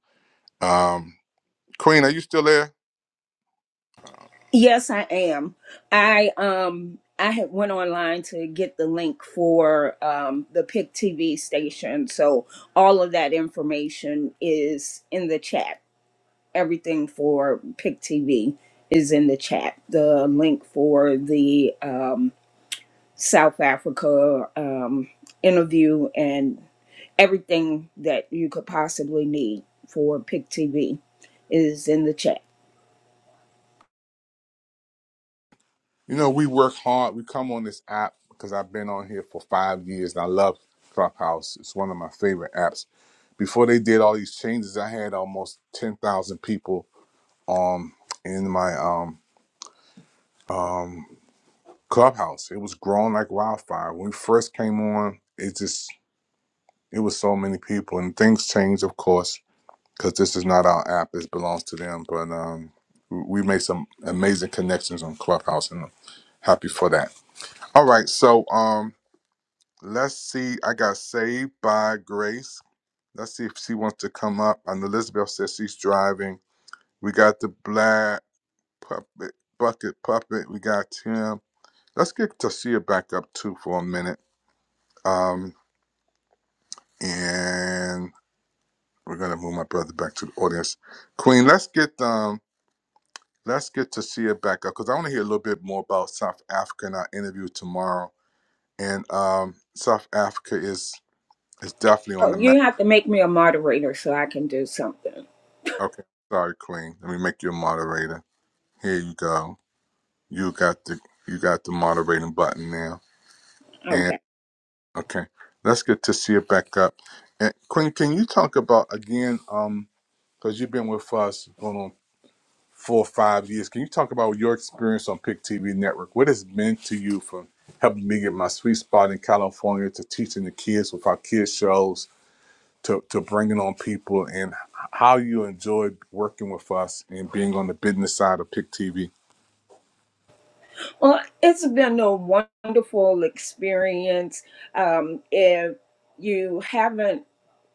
Speaker 1: Um Queen, are you still there? Uh,
Speaker 4: Yes, I am. I um I had went online to get the link for um the Pick TV station. So all of that information is in the chat. Everything for Pick TV is in the chat. The link for the um South Africa um interview and everything that you could possibly need for Pick TV is in the chat.
Speaker 1: you know, we work hard. We come on this app because I've been on here for five years and I love Clubhouse. It's one of my favorite apps before they did all these changes, I had almost 10,000 people um in my um um clubhouse. It was growing like wildfire. When we first came on, it just it was so many people and things changed of course because this is not our app. This belongs to them. But um we we made some amazing connections on Clubhouse and I'm happy for that. All right, so um let's see. I got saved by grace. Let's see if she wants to come up. And Elizabeth says she's driving. We got the black puppet bucket puppet. We got Tim. Let's get Tasia back up too for a minute. Um, and we're gonna move my brother back to the audience. Queen, let's get um let's get Tasia back up because I want to hear a little bit more about South Africa in our interview tomorrow. And um South Africa is is definitely on
Speaker 4: Oh,
Speaker 1: the map.
Speaker 4: you have to make me a moderator so I can do something.
Speaker 1: Okay, sorry, Queen. Let me make you a moderator. Here you go. You got the you got the moderating button now. And
Speaker 4: Okay.
Speaker 1: okay, let's get Tasia back up. And Queen, can you talk about again? Um, because you've been with us going on four or five years. Can you talk about your experience on Pick TV Network? What has meant to you from helping me get my sweet spot in California to teaching the kids with our kids shows to, to bringing on people and how you enjoyed working with us and being on the business side of Pick TV?
Speaker 4: Well, it's been a wonderful experience. Um, if you haven't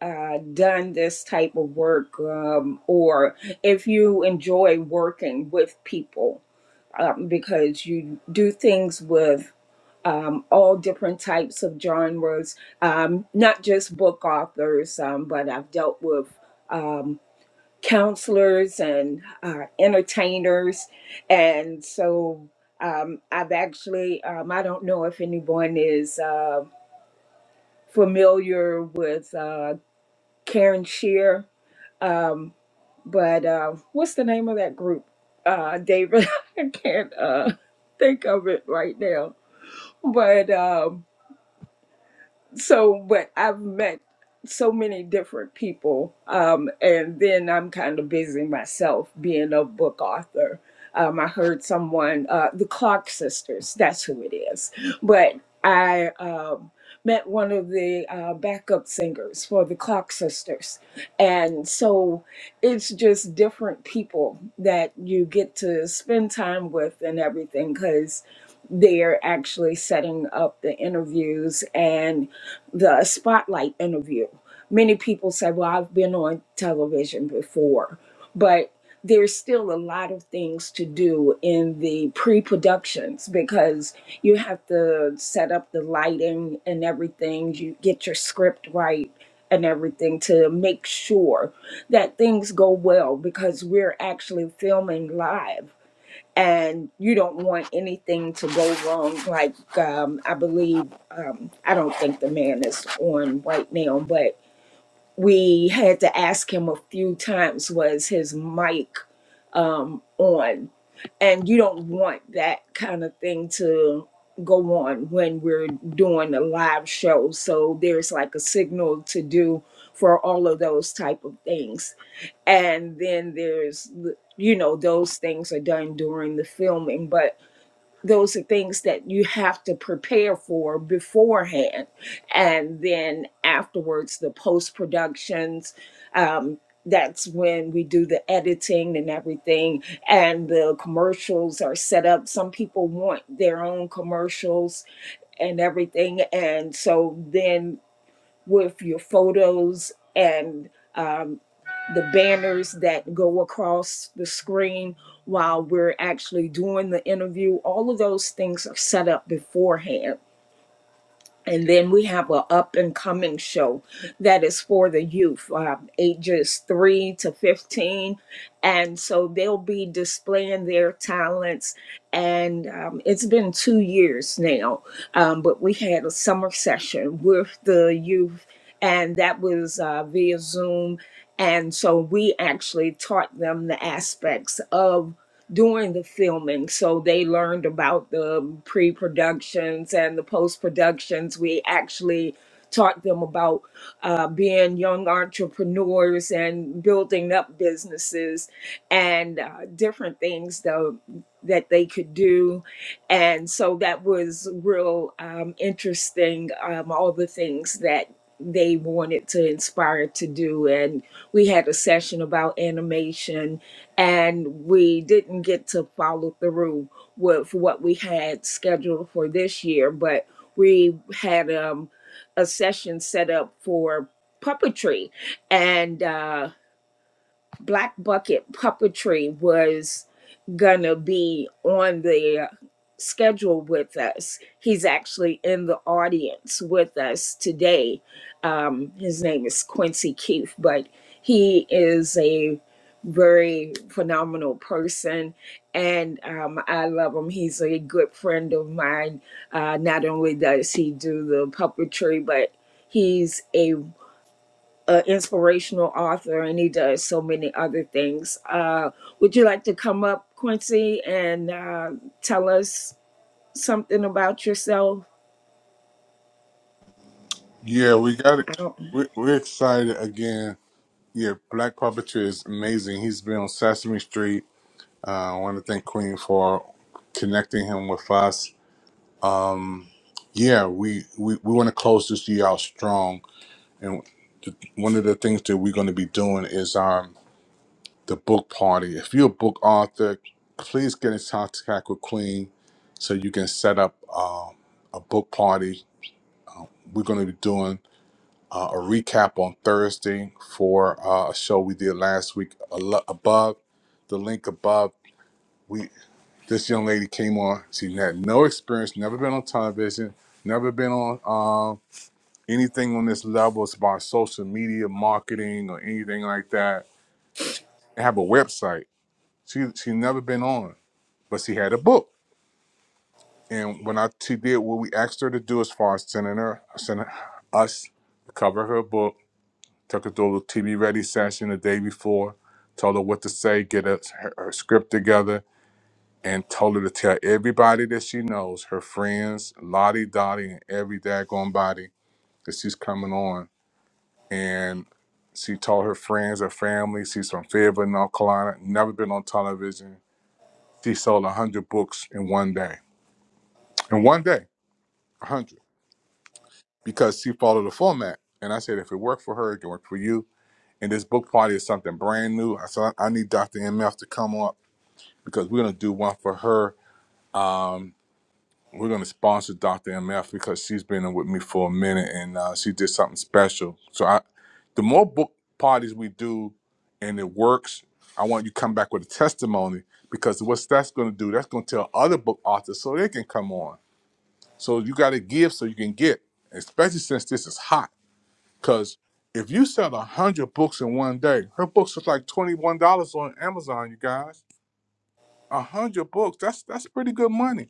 Speaker 4: uh, done this type of work, um, or if you enjoy working with people, um, because you do things with um, all different types of genres, um, not just book authors, um, but I've dealt with. Um, counselors and uh, entertainers. And so um, I've actually, um, I don't know if anyone is uh, familiar with uh, Karen Shear, um, but uh, what's the name of that group, uh, David? I can't uh, think of it right now. But um, so but i've met so many different people um, and then i'm kind of busy myself being a book author um, i heard someone uh, the clark sisters that's who it is but i um, met one of the uh, backup singers for the clark sisters and so it's just different people that you get to spend time with and everything because they're actually setting up the interviews and the spotlight interview. Many people say, well, I've been on television before, but there's still a lot of things to do in the pre productions because you have to set up the lighting and everything, you get your script right and everything to make sure that things go well because we're actually filming live and you don't want anything to go wrong. Like um, I believe, um, I don't think the man is on right now, but we had to ask him a few times was his mic um, on, and you don't want that kind of thing to go on when we're doing a live show. So there's like a signal to do for all of those type of things and then there's the- you know those things are done during the filming but those are things that you have to prepare for beforehand and then afterwards the post productions um, that's when we do the editing and everything and the commercials are set up some people want their own commercials and everything and so then with your photos and um, the banners that go across the screen while we're actually doing the interview all of those things are set up beforehand and then we have a up and coming show that is for the youth, um, ages 3 to 15. And so they'll be displaying their talents. And um, it's been two years now, um, but we had a summer session with the youth, and that was uh, via Zoom. And so we actually taught them the aspects of during the filming. So they learned about the pre productions and the post productions. We actually taught them about uh, being young entrepreneurs and building up businesses and uh, different things though that they could do and so that was real um, interesting um, all the things that they wanted to inspire to do and we had a session about animation and we didn't get to follow through with what we had scheduled for this year but we had um, a session set up for puppetry and uh, Black Bucket Puppetry was gonna be on the schedule with us. He's actually in the audience with us today. Um, his name is Quincy Keefe, but he is a very phenomenal person and um, I love him. He's a good friend of mine. Uh, not only does he do the puppetry, but he's a an inspirational author and he does so many other things. Uh, would you like to come up, Quincy, and uh, tell us something about yourself?
Speaker 1: Yeah, we got it.
Speaker 4: I don't.
Speaker 1: We're, we're excited again. Yeah, Black Puppetry is amazing. He's been on Sesame Street. Uh, I want to thank Queen for connecting him with us Um, yeah, we, we, we want to close this year out strong. And the, one of the things that we're going to be doing is um, the book party. If you're a book author, please get in contact with Queen so you can set up uh, a book party. We're going to be doing uh, a recap on Thursday for uh, a show we did last week. Alo- Above the link above, we this young lady came on. She had no experience, never been on television, never been on. um, anything on this level as far as social media marketing or anything like that and have a website she she never been on but she had a book and when i she did what we asked her to do as far as sending her sending us the cover of her book took her to a little tv ready session the day before told her what to say get us her, her script together and told her to tell everybody that she knows her friends lottie dottie and every daggone body that she's coming on and she told her friends, her family. She's from Fayetteville, North Carolina. Never been on television. She sold one hundred books in one day. In one day, one hundred, because she followed the format. And I said, if it worked for her, it can work for you. And this book party is something brand new. I said, I need Dr. MF to come up because we're gonna do one for her we're going to sponsor Dr. MF because she's been in with me for a minute and uh, she did something special. So I, the more book parties we do and it works, I want you to come back with a testimony because what's that's going to do, that's going to tell other book authors so they can come on. So you got to give so you can get, especially since this is hot. Because if you sell 100 books in one day, her books was like $21 on Amazon, you guys. 100 books, that's that's pretty good money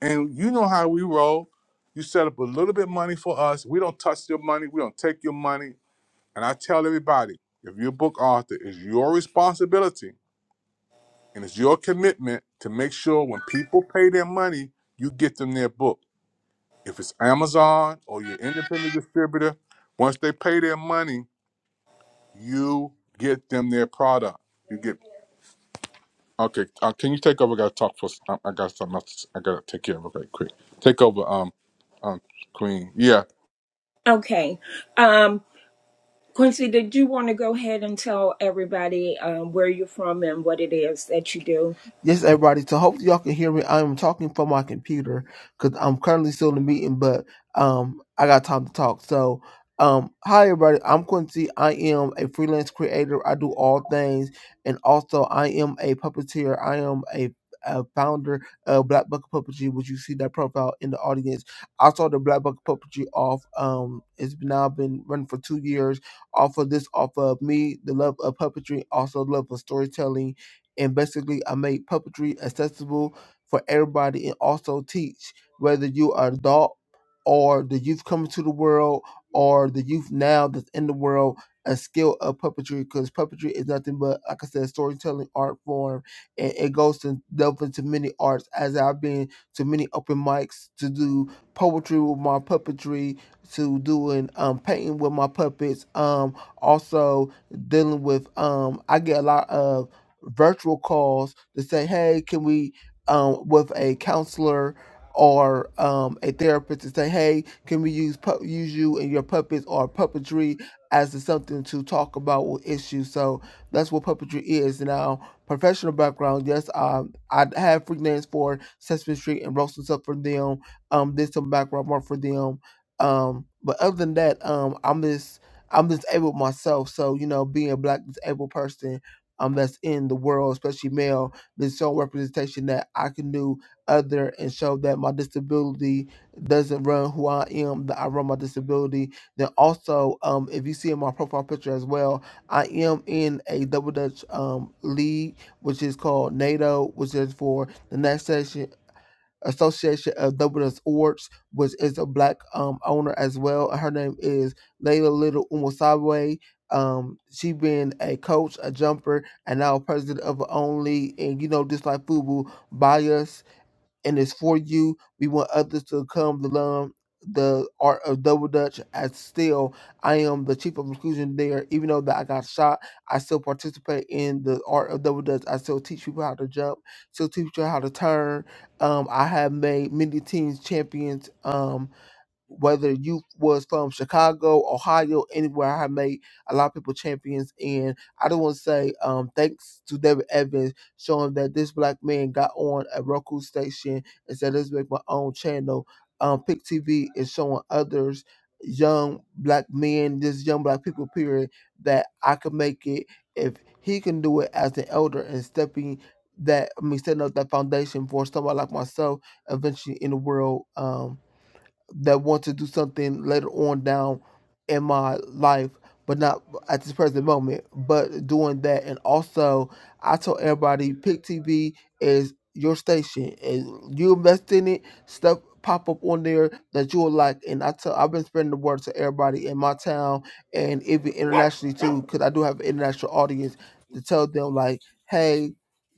Speaker 1: and you know how we roll. You set up a little bit money for us. We don't touch your money. We don't take your money. And I tell everybody, if you're a book author, it's your responsibility and it's your commitment to make sure when people pay their money, you get them their book. If it's Amazon or your independent distributor, once they pay their money, you get them their product. You get okay. Uh, can you take over? I gotta talk for. I, I got something else. I gotta take care of it right quick. Take over, um, um, Queen. Yeah.
Speaker 4: Okay. Um, Quincy, did you want to go ahead and tell everybody um, where you're from and what it is that you do?
Speaker 8: Yes, everybody. So hopefully y'all can hear me. I'm talking from my computer because I'm currently still in a meeting, but um, I got time to talk. So, um, hi everybody. I'm Quincy. I am a freelance creator. I do all things, and also I am a puppeteer. I am a a founder of Black Bucket Puppetry, which you see that profile in the audience. I started Black Bucket Puppetry off. Um, it's now been running for two years. Off of this, off of me, the love of puppetry, also love of storytelling and basically I make puppetry accessible for everybody and also teach whether you are adult or the youth coming to the world or the youth now that's in the world a skill of puppetry because puppetry is nothing but like I said storytelling art form and it goes to delve into many arts as I've been to many open mics to do poetry with my puppetry to doing um painting with my puppets um also dealing with um I get a lot of virtual calls to say, hey, can we, um, with a counselor or um, a therapist, to say, hey, can we use pu- use you and your puppets or puppetry as to something to talk about with issues? So that's what puppetry is. Now, professional background, yes, um, I have freelance for Sesame Street and wrote some stuff for them. Um, did some background work for them. Um, but other than that, um, I'm just I'm disabled myself, so you know, being a black disabled person um, that's in the world, especially male, been shown representation that I can do other and show that my disability doesn't run who I am, that I run my disability. Then also, um, if you see in my profile picture as well, I am in a double dutch um league, which is called NATO, which is for the next session. Association of Dubliners Awards, which is a black um, owner as well. Her name is Layla Little Umosabe. Um, she been a coach, a jumper, and now president of Only, and you know, just like Fubu, Baya and it's for you. We want others to come to learn the art of double dutch as still I am the chief of inclusion there. Even though that I got shot, I still participate in the art of double dutch. I still teach people how to jump, still teach you how to turn. Um I have made many teams champions. Um whether you was from Chicago, Ohio, anywhere I have made a lot of people champions and I just want to say um thanks to David Evans showing that this black man got on a Roku station and said let's make my own channel. Um Pick TV is showing others young black men, just young black people period, that I could make it if he can do it as an elder and stepping that I mean setting up that foundation for somebody like myself eventually in the world. Um that want to do something later on down in my life, but not at this present moment, but doing that. And also, I told everybody, Pick TV is your station, and you invest in it, stuff pop up on there that you'll like. And I tell, I've been spreading the word to everybody in my town and even internationally too, because I do have an international audience to tell them like, hey,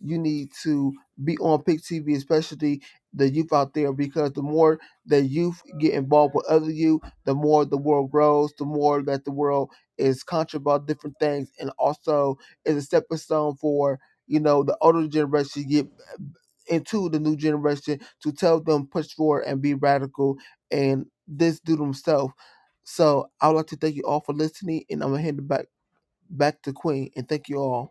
Speaker 8: you need to be on Pick TV, especially the youth out there, because the more the youth get involved with other youth, the more the world grows, the more that the world is conscious about different things, and also is a stepping stone for you know the older generation to get into the new generation to tell them push forward and be radical and this do themselves. So I would like to thank you all for listening, and I'm gonna hand it back back to Queen, and thank you all.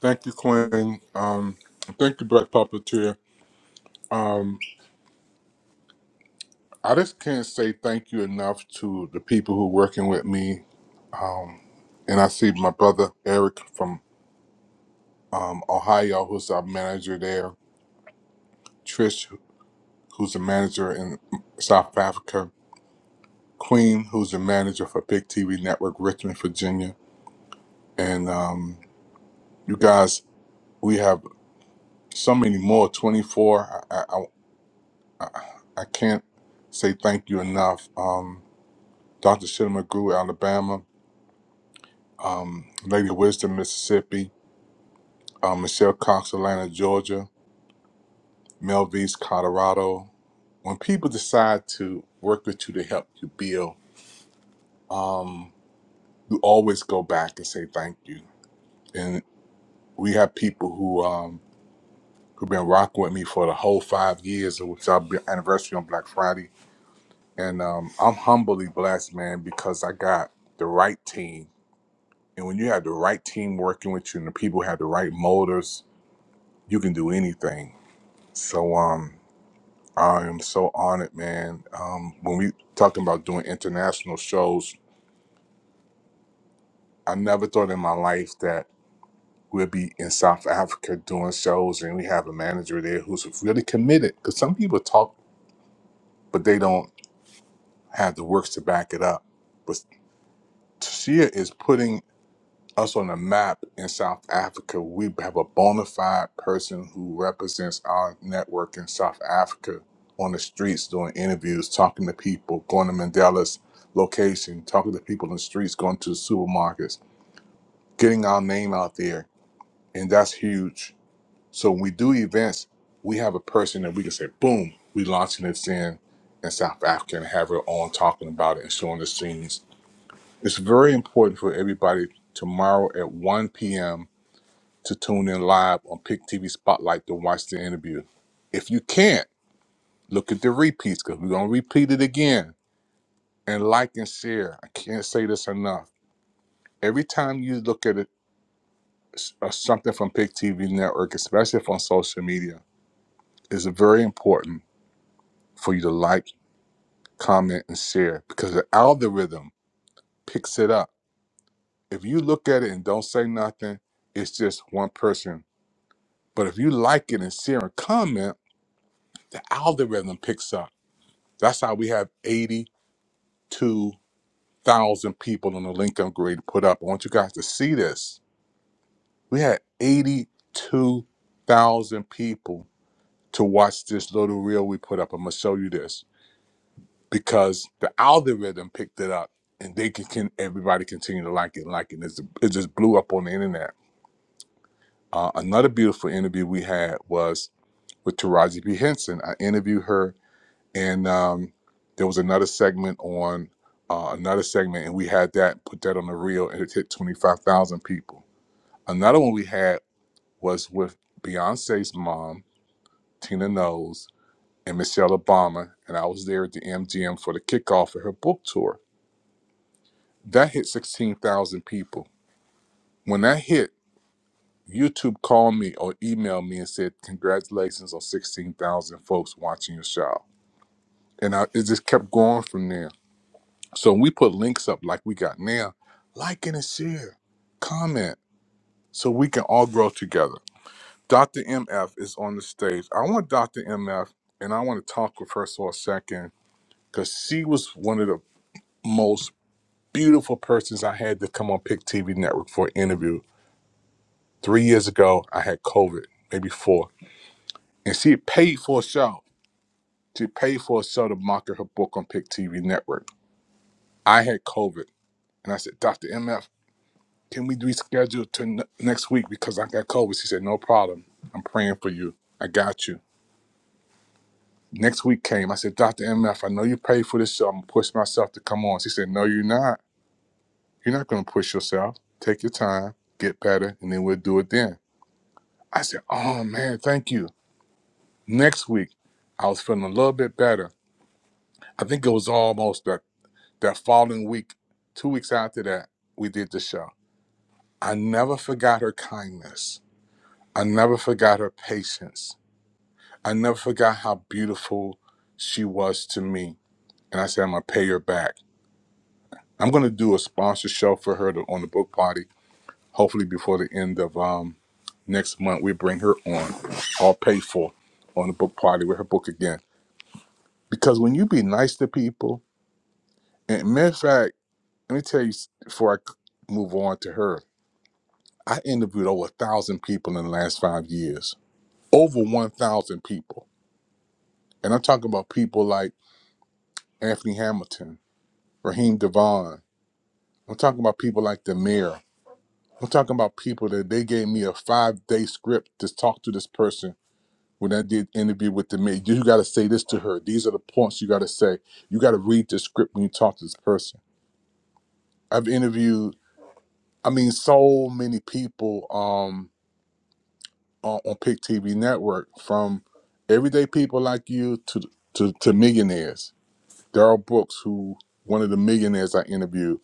Speaker 1: Thank you, Quinn. Um, thank you, Black Puppeteer. Um, I just can't say thank you enough to the people who are working with me. And I see my brother Eric from um, Ohio, who's our manager there. Trish, who's a manager in South Africa. Queen, who's a manager for Big TV Network, Richmond, Virginia. And um, you guys, we have so many more. Twenty four. I, I I I can't say thank you enough. Um, Dr. Shinema Grew, Alabama. um, Lady Wisdom, Mississippi, um, Michelle Cox, Atlanta, Georgia, Melvise, Colorado. When people decide to work with you to help you build, um, you always go back and say thank you. And we have people who um, who've been rocking with me for the whole five years, which our bi- anniversary on Black Friday. And um, I'm humbly blessed, man, because I got the right team. And when you have the right team working with you, and the people have the right motives, you can do anything So um, I am so honored, man. Um, when we talking about doing international shows, I never thought in my life that we'd be in South Africa doing shows, and we have a manager there who's really committed. Because some people talk, but they don't have the works to back it up. But Sia is putting us on the map in South Africa. We have a bona fide person who represents our network in South Africa on the streets doing interviews, talking to people, going to Mandela's location, talking to people in the streets, going to the supermarkets, getting our name out there. And that's huge. So when we do events, we have a person that we can say, boom, we launching this in in South Africa and have her on talking about it and showing the scenes. It's very important for everybody tomorrow at 1 p.m to tune in live on Pick TV Spotlight to watch the interview. If you can't, look at the repeats because we're going to repeat it again. And like and share. I can't say this enough. Every time you look at it, s- uh, something from Pick TV Network, especially if on social media, it's very important for you to like, comment, and share because the algorithm picks it up. If you look at it and don't say nothing, it's just one person. But if you like it and share and comment, the algorithm picks up. That's how we have 82,000 people on the Lincoln grade put up. I want you guys to see this. We had 82,000 people to watch this little reel we put up. I'm gonna show you this because the algorithm picked it up and they can, can everybody continue to like it, like it. It's, it just blew up on the internet. Uh, another beautiful interview we had was with Taraji P. Henson. I interviewed her and um, there was another segment on uh, another segment, and we had that put that on the reel, and it hit twenty five thousand people. Another one we had was with Beyonce's mom, Tina Knowles, and Michelle Obama, and I was there at the MGM for the kickoff of her book tour. That hit sixteen thousand people. When that hit, YouTube called me or emailed me and said, "Congratulations on sixteen thousand folks watching your show." And I, it just kept going from there So when we put links up like we got now, like and share, comment, so we can all grow together. Dr. MF is on the stage. I want Dr. MF, and I want to talk with her for a second, because she was one of the most beautiful persons I had to come on Pick TV Network for an interview. Three years ago, I had COVID, maybe four, and she had paid for a show. She paid for a show to market her book on Pick TV Network. I had COVID, and I said, Dr. MF. Can we reschedule to n- next week because I got COVID? She said, No problem. I'm praying for you. I got you. Next week came. I said, Dr. MF, I know you paid for this show. I'm going to push myself to come on. She said, No, you're not. You're not going to push yourself. Take your time, get better, and then we'll do it then. I said, Oh, man, thank you. Next week, I was feeling a little bit better. I think it was almost that, that following week, two weeks after that, we did the show. I never forgot her kindness. I never forgot her patience. I never forgot how beautiful she was to me. And I said, I'm going to pay her back. I'm going to do a sponsor show for her to, on the book party. Hopefully, before the end of um, next month, we bring her on, all paid for, on the book party with her book again. Because when you be nice to people, and matter of fact, let me tell you s- before I c- move on to her, I interviewed over a thousand people in the last five years, over 1,000 people. And I'm talking about people like Anthony Hamilton, Raheem Devon, I'm talking about people like the mayor. I'm talking about people that they gave me a five day script to talk to this person when I did interview with the mayor. You got to say this to her. These are the points you got to say. You got to read the script when you talk to this person. I've interviewed, I mean, so many people um, on, on Pick TV Network from everyday people like you to, to, to millionaires. Daryl Brooks, who one of the millionaires I interviewed.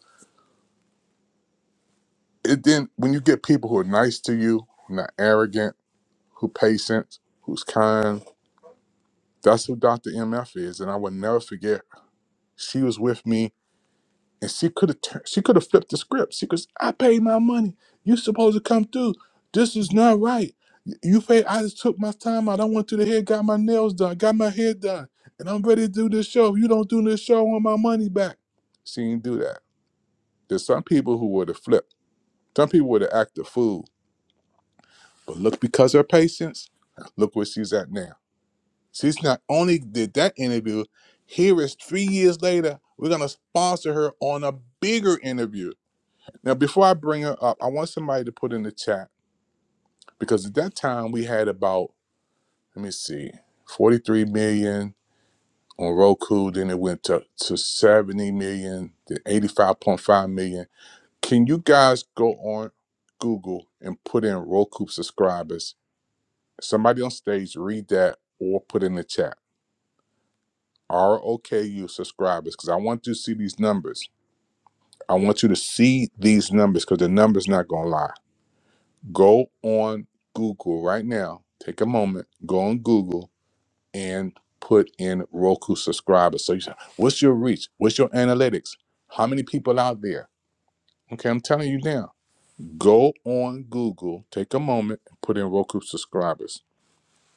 Speaker 1: It then when you get people who are nice to you, not arrogant who patient, who's kind. That's who Dr. MF is, and I will never forget. She was with me, and she could have turned, she could have flipped the script. She goes, "I paid my money. You supposed to come through. This is not right. You paid. I just took my time out. I went to the hair, got my nails done, got my hair done, and I'm ready to do this show. If you don't do this show, I want my money back." She didn't do that. There's some people who would have flipped. Some people would have acted fool, but look because her patience. Look where she's at now. She's not only did that interview, here is three years later, we're gonna sponsor her on a bigger interview. Now, before I bring her up, I want somebody to put in the chat because at that time we had about, let me see, 43 million on Roku, then it went to, to 70 million, then 85.5 million. Can you guys go on Google and put in Roku subscribers? Somebody on stage read that or put in the chat ROKU subscribers because I want you to see these numbers. I want you to see these numbers because the numbers not gonna lie. Go on Google right now. Take a moment. Go on Google and put in Roku subscribers. So you say, what's your reach? What's your analytics? How many people out there? Okay, I'm telling you now. Go on Google. Take a moment and put in Roku subscribers.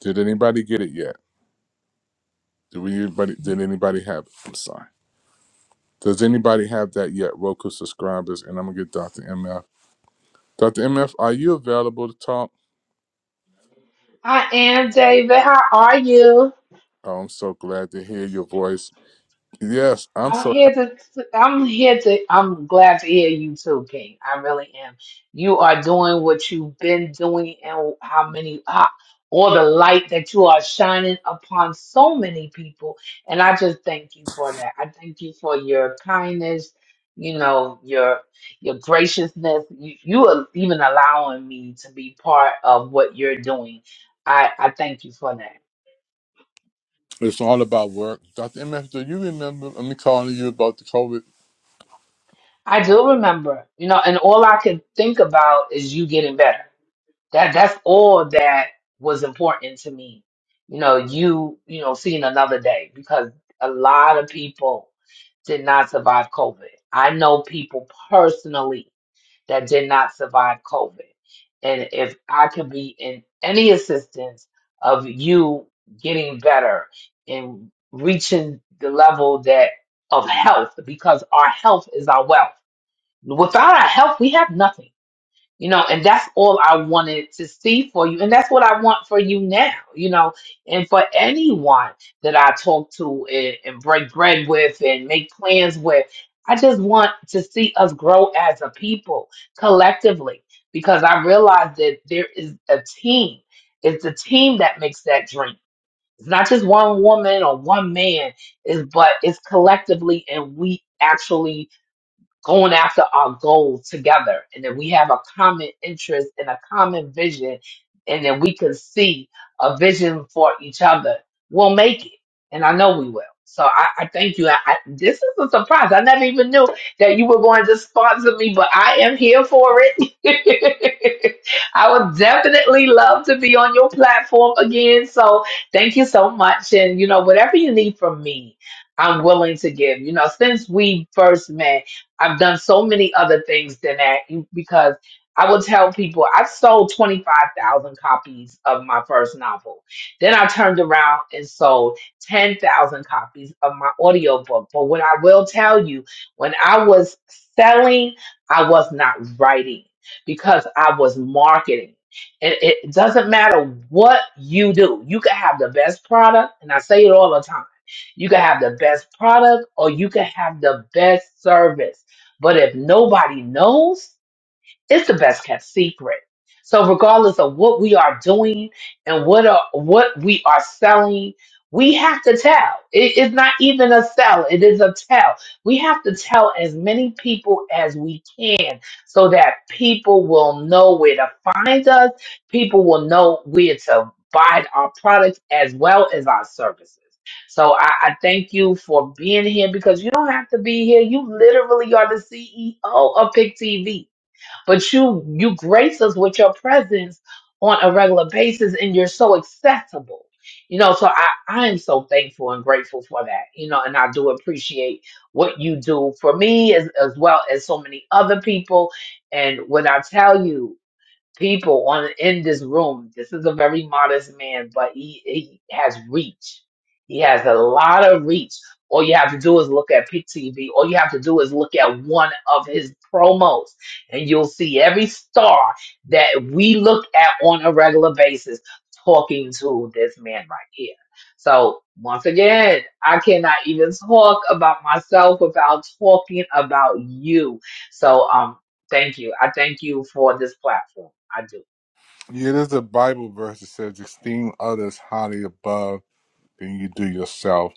Speaker 1: Did anybody get it yet? Did we anybody? Did anybody have it? I'm sorry. Does anybody have that yet? Roku subscribers, and I'm gonna get Dr. MF. Dr. MF, are you available to talk?
Speaker 9: I am David. How are you?
Speaker 1: Oh, I'm so glad to hear your voice. Yes, I'm
Speaker 9: I'm
Speaker 1: so happy.
Speaker 9: here to. I'm here to. I'm glad to hear you too, King. I really am. You are doing what you've been doing, and how many, how, all the light that you are shining upon so many people. And I just thank you for that. I thank you for your kindness. You know your your graciousness. You, you are even allowing me to be part of what you're doing. I I thank you for that.
Speaker 1: It's all about work. Dr. MF, do you remember me calling you about the COVID?
Speaker 9: I do remember, you know, and all I could think about is you getting better. That that's all that was important to me. You know, you, you know, seeing another day because a lot of people did not survive COVID. I know people personally that did not survive COVID. And if I could be in any assistance of you getting better and reaching the level that of health, because our health is our wealth Without our help, we have nothing. You know, and that's all I wanted to see for you. And that's what I want for you now, you know, and for anyone that I talk to and, and break bread with and make plans with. I just want to see us grow as a people collectively because I realize that there is a team. It's the team that makes that dream. It's not just one woman or one man, is but it's collectively and we actually going after our goal together and that we have a common interest and a common vision and that we can see a vision for each other we'll make it and i know we will so i, I thank you I, I, this is a surprise i never even knew that you were going to sponsor me but i am here for it i would definitely love to be on your platform again so thank you so much and you know whatever you need from me i'm willing to give you know since we first met I've done so many other things than that you- because I will tell people I've sold 25,000 copies of my first novel. Then I turned around and sold 10,000 copies of my audiobook. But what I will tell you, when I was selling, I was not writing because I was marketing. And it doesn't matter what you do, you can have the best product. And I say it all the time you can have the best product or you can have the best service but if nobody knows, it's the best kept secret. So regardless of what we are doing and what are, what we are selling, we have to tell. It is not even a sell, it is a tell. We have to tell as many people as we can so that people will know where to find us, people will know where to buy our products as well as our services. So I, I thank you for being here because you don't have to be here. You literally are the CEO of Pick TV but you you grace us with your presence on a regular basis and you're so accessible you know so i i am so thankful and grateful for that you know and i do appreciate what you do for me as, as well as so many other people and when i tell you people on in this room. This is a very modest man, but he, he has reach. He has a lot of reach. All you have to do is look at Pick TV. All you have to do is look at one of his promos, and you'll see every star that we look at on a regular basis talking to this man right here. So once again, I cannot even talk about myself without talking about you. So um. Thank you. I thank you for this platform. I do.
Speaker 1: Yeah, there's a Bible verse that says, Esteem others highly above than you do yourself.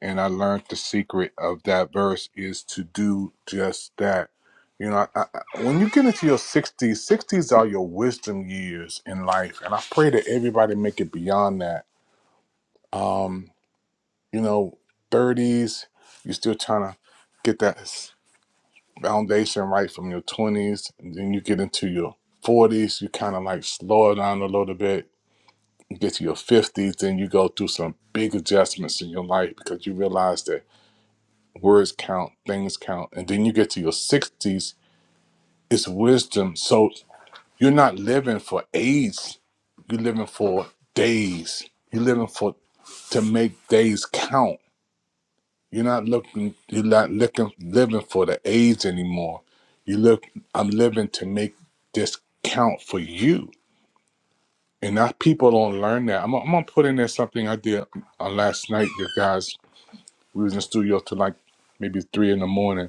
Speaker 1: and I learned the secret of that verse is to do just that. You know, I, I, when you get into your 60s, 60s are your wisdom years in life, and I pray that everybody make it beyond that. Um, you know, 30s, you're still trying to get that s- foundation right from your 20s, and then you get into your 40s, you kind of like slow it down a little bit. You get to your 50s, then you go through some big adjustments in your life because you realize that words count, things count. And then you get to your 60s, it's wisdom. So you're not living for age, you're living for days. You're living for to make days count. You're not looking you're not looking living for the age anymore. You look I'm living to make this count for you. And that people don't learn that. I'm, gonna- I'm gonna put in there something I did uh, last night, you guys. We was in the studio till like maybe three in the morning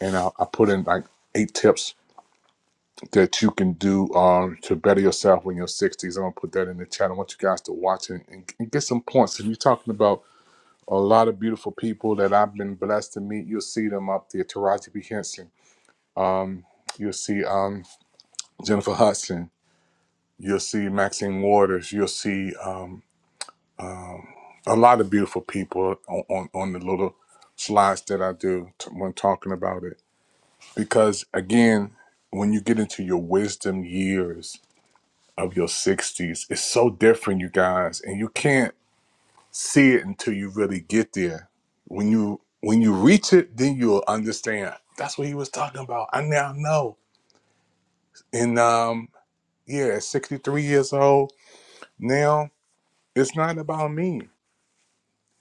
Speaker 1: and I, I put in like eight tips that you can do um, to better yourself in your 60s. I'm gonna put that in the chat. I want you guys to watch it and, and get some points. If you're talking about a lot of beautiful people that I've been blessed to meet, you'll see them up there. Taraji P. Henson, um, you'll see um, Jennifer Hudson, you'll see Maxine Waters, you'll see um, a lot of beautiful people on, on, on the little slides that I do t- when talking about it. Because again, when you get into your wisdom years, of your 60s is so different you guys and you can't see it until you really get there when you when you reach it then you'll understand that's what he was talking about i now know and um yeah at 63 years old now it's not about me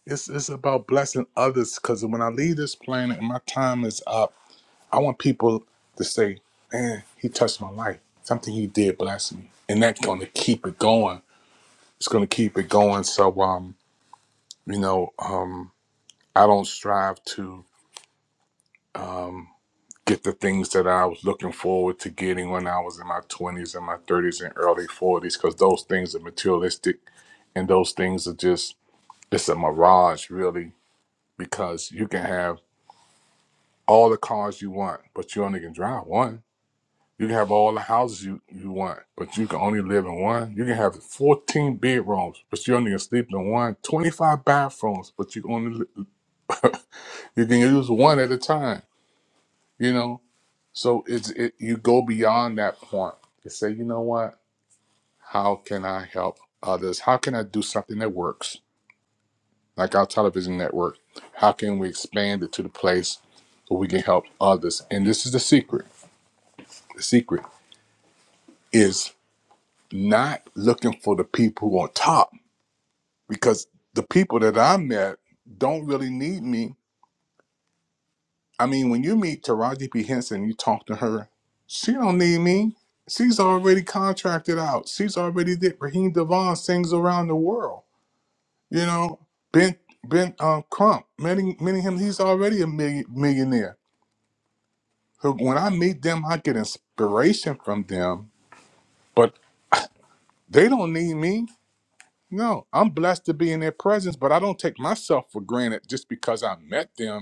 Speaker 1: it's it's about blessing others because when i leave this planet and my time is up i want people to say man he touched my life something he did blessed me and that's going to keep it going it's going to keep it going so um You know, um, I don't strive to um, get the things that I was looking forward to getting when I was in my 20s and my 30s and early 40s because those things are materialistic and those things are just, it's a mirage really because you can have all the cars you want, but you only can drive one. You can have all the houses you, you want, but you can only live in one. You can have 14 bedrooms, but you only can sleep in one. 25 bathrooms, but you only li- you can use one at a time you know so it's it you go beyond that point you say you know what how can i help others how can i do something that works like our television network how can we expand it to the place where we can help others and this is the secret the secret is not looking for the people who are on top because the people that i met don't really need me I mean, when you meet Taraji P. Henson, you talk to her. She don't need me. She's already contracted out. She's already did. Raheem Devon sings around the world. You know, Ben Ben um, Crump, many many him. He's already a million, millionaire. So when I meet them, I get inspiration from them. But they don't need me. No, I'm blessed to be in their presence, but I don't take myself for granted just because I met them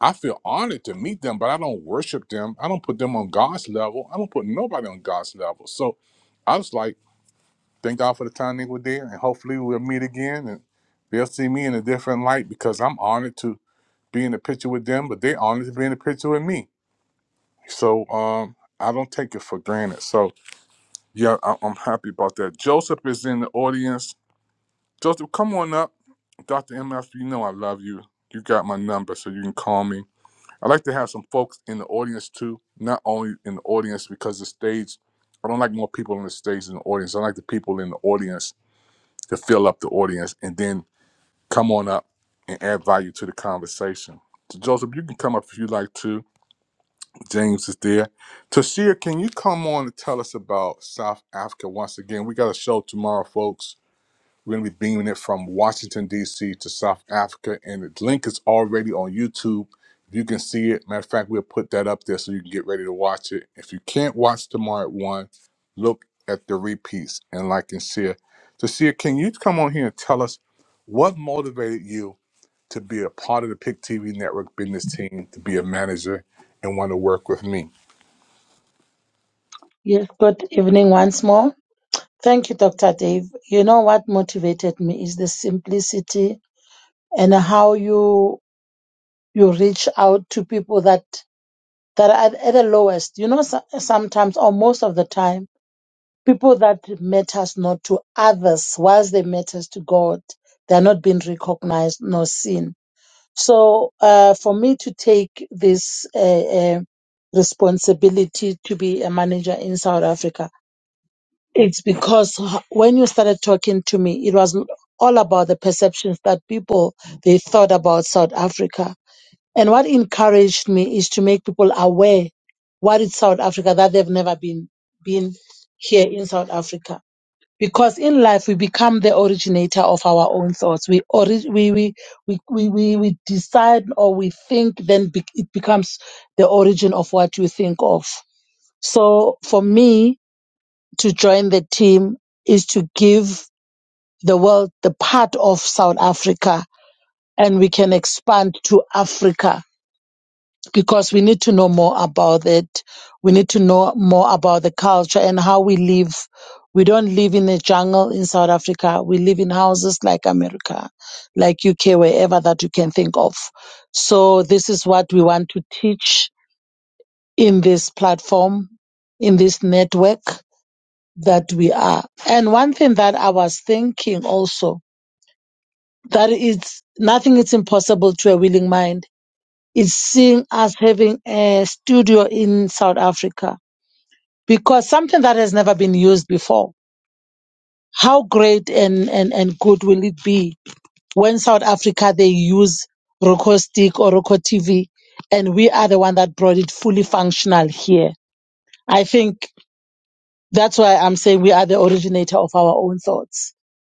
Speaker 1: I feel honored to meet them, but I don't worship them. I don't put them on God's level. I don't put nobody on God's level. So I was like, thank God for the time they were there, and hopefully we'll meet again and they'll see me in a different light because I'm honored to be in the picture with them, but they are honored to be in the picture with me. So um, I don't take it for granted. So yeah, I- I'm happy about that. Joseph is in the audience. Joseph, come on up. Dr. MF, you know I love you. You got my number, so you can call me I like to have some folks in the audience too, not only in the audience because the stage, I don't like more people on the stage than the audience. I like the people in the audience to fill up the audience and then come on up and add value to the conversation. So Joseph, you can come up if you like to. James is there. Tashir, can you come on and tell us about South Africa once again? We got a show tomorrow, folks we're going to be beaming it from Washington, D.C. to South Africa. And the link is already on YouTube. You can see it. Matter of fact, we'll put that up there so you can get ready to watch it. If you can't watch tomorrow at 1, look at the repeats and like and share. So, Sia, can you come on here and tell us what motivated you to be a part of the Pick TV network business team, to be a manager, and want to work with me?
Speaker 3: Yes, good evening once more. Thank you, Dr. Dave. You know what motivated me is the simplicity and how you you reach out to people that that are at the lowest. You know, so, sometimes or most of the time, people that matters not to others, whilst they matters to God, they are not being recognized nor seen. So, uh, for me to take this uh, uh, responsibility to be a manager in South Africa, It's because h- when you started talking to me, it was all about the perceptions that people they thought about South Africa. And what encouraged me is to make people aware what is South Africa that they've never been been here in South Africa. Because in life we become the originator of our own thoughts. We orig- we, we, we, we, we we decide or we think, then be- it becomes the origin of what you think of. So for me, to join the team is to give the world the part of South Africa and we can expand to Africa because we need to know more about it. We need to know more about the culture and how we live. We don't live in a jungle in South Africa. We live in houses like America, like UK, wherever that you can think of. So this is what we want to teach in this platform, in this network that we are. And one thing that I was thinking also that it's nothing is impossible to a willing mind is seeing us having a studio in South Africa because something that has never been used before. How great and, and, and good will it be when South Africa they use Roko Stick or Roko TV and we are the one that brought it fully functional here. I think that's why I'm saying we are the originator of our own thoughts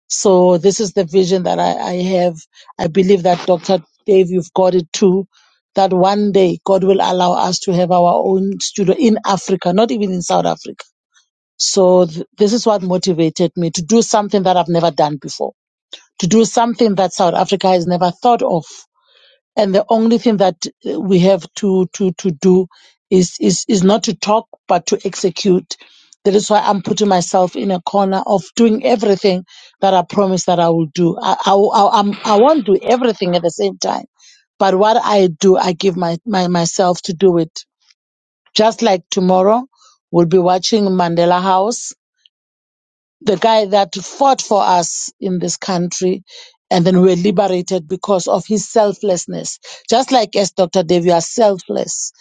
Speaker 3: So this is the vision that I, I have. I believe that Dr. Dave, you've got it too. That one day God will allow us to have our own studio in Africa, not even in South Africa. So th- this is what motivated me to do something that I've never done before, to do something that South Africa has never thought of and the only thing that uh, we have to to to do is is is not to talk but to execute that is why i'm putting myself in a corner of doing everything that i promise that i will do i i, I, I'm, I won't do everything at the same time but what i do i give my, my myself to do it just like tomorrow we'll be watching mandela house the guy that fought for us in this country and then we're liberated because of his selflessness. Just like as Dr. Dave, you are selfless.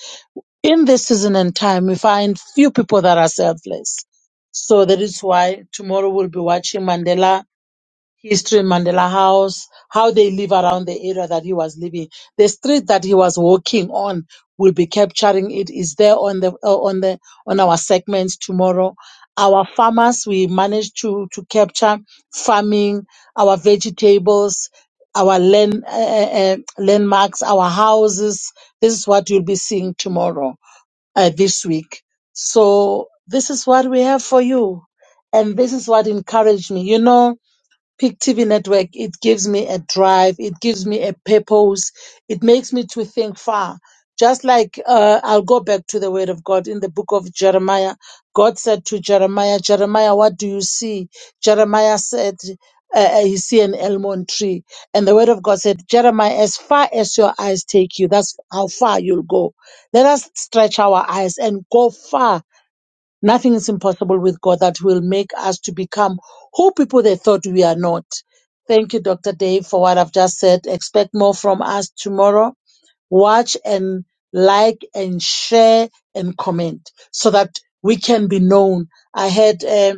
Speaker 3: In this season and time, we find few people that are selfless. So that is why tomorrow we'll be watching Mandela history, Mandela House, how they live around the area that he was living. The street that he was walking on will be capturing it. Is there on the uh, on the on our segments tomorrow? Our farmers, we managed to to capture farming, our vegetables, our land uh, uh, uh, landmarks, our houses. This is what you'll be seeing tomorrow, uh, this week. So this is what we have for you, and this is what encouraged me. You know Peak TV network, it gives me a drive, it gives me a purpose, it makes me to think far. Just like uh, I'll go back to the word of God in the book of Jeremiah. God said to Jeremiah, Jeremiah, what do you see? Jeremiah said, uh, uh, he see an almond tree. And the word of God said, Jeremiah, as far as your eyes take you, that's how far you'll go. Let us stretch our eyes and go far Nothing is impossible with God that will make us to become who people they thought we are not. Thank you, Dr. Dave, for what I've just said. Expect more from us tomorrow. Watch and like and share and comment so that we can be known. I had um,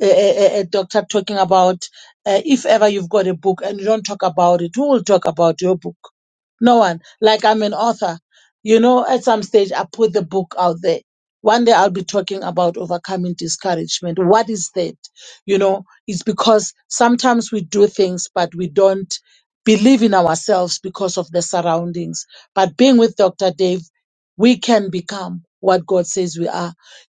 Speaker 3: a, a, doctor talking about uh, if ever you've got a book and you don't talk about it, who will talk about your book? No one. Like I'm an author. You know, at some stage, I put the book out there. One day I'll be talking about overcoming discouragement. What is that? You know, it's because sometimes we do things, but we don't believe in ourselves because of the surroundings. But being with Dr. Dave, we can become what God says we are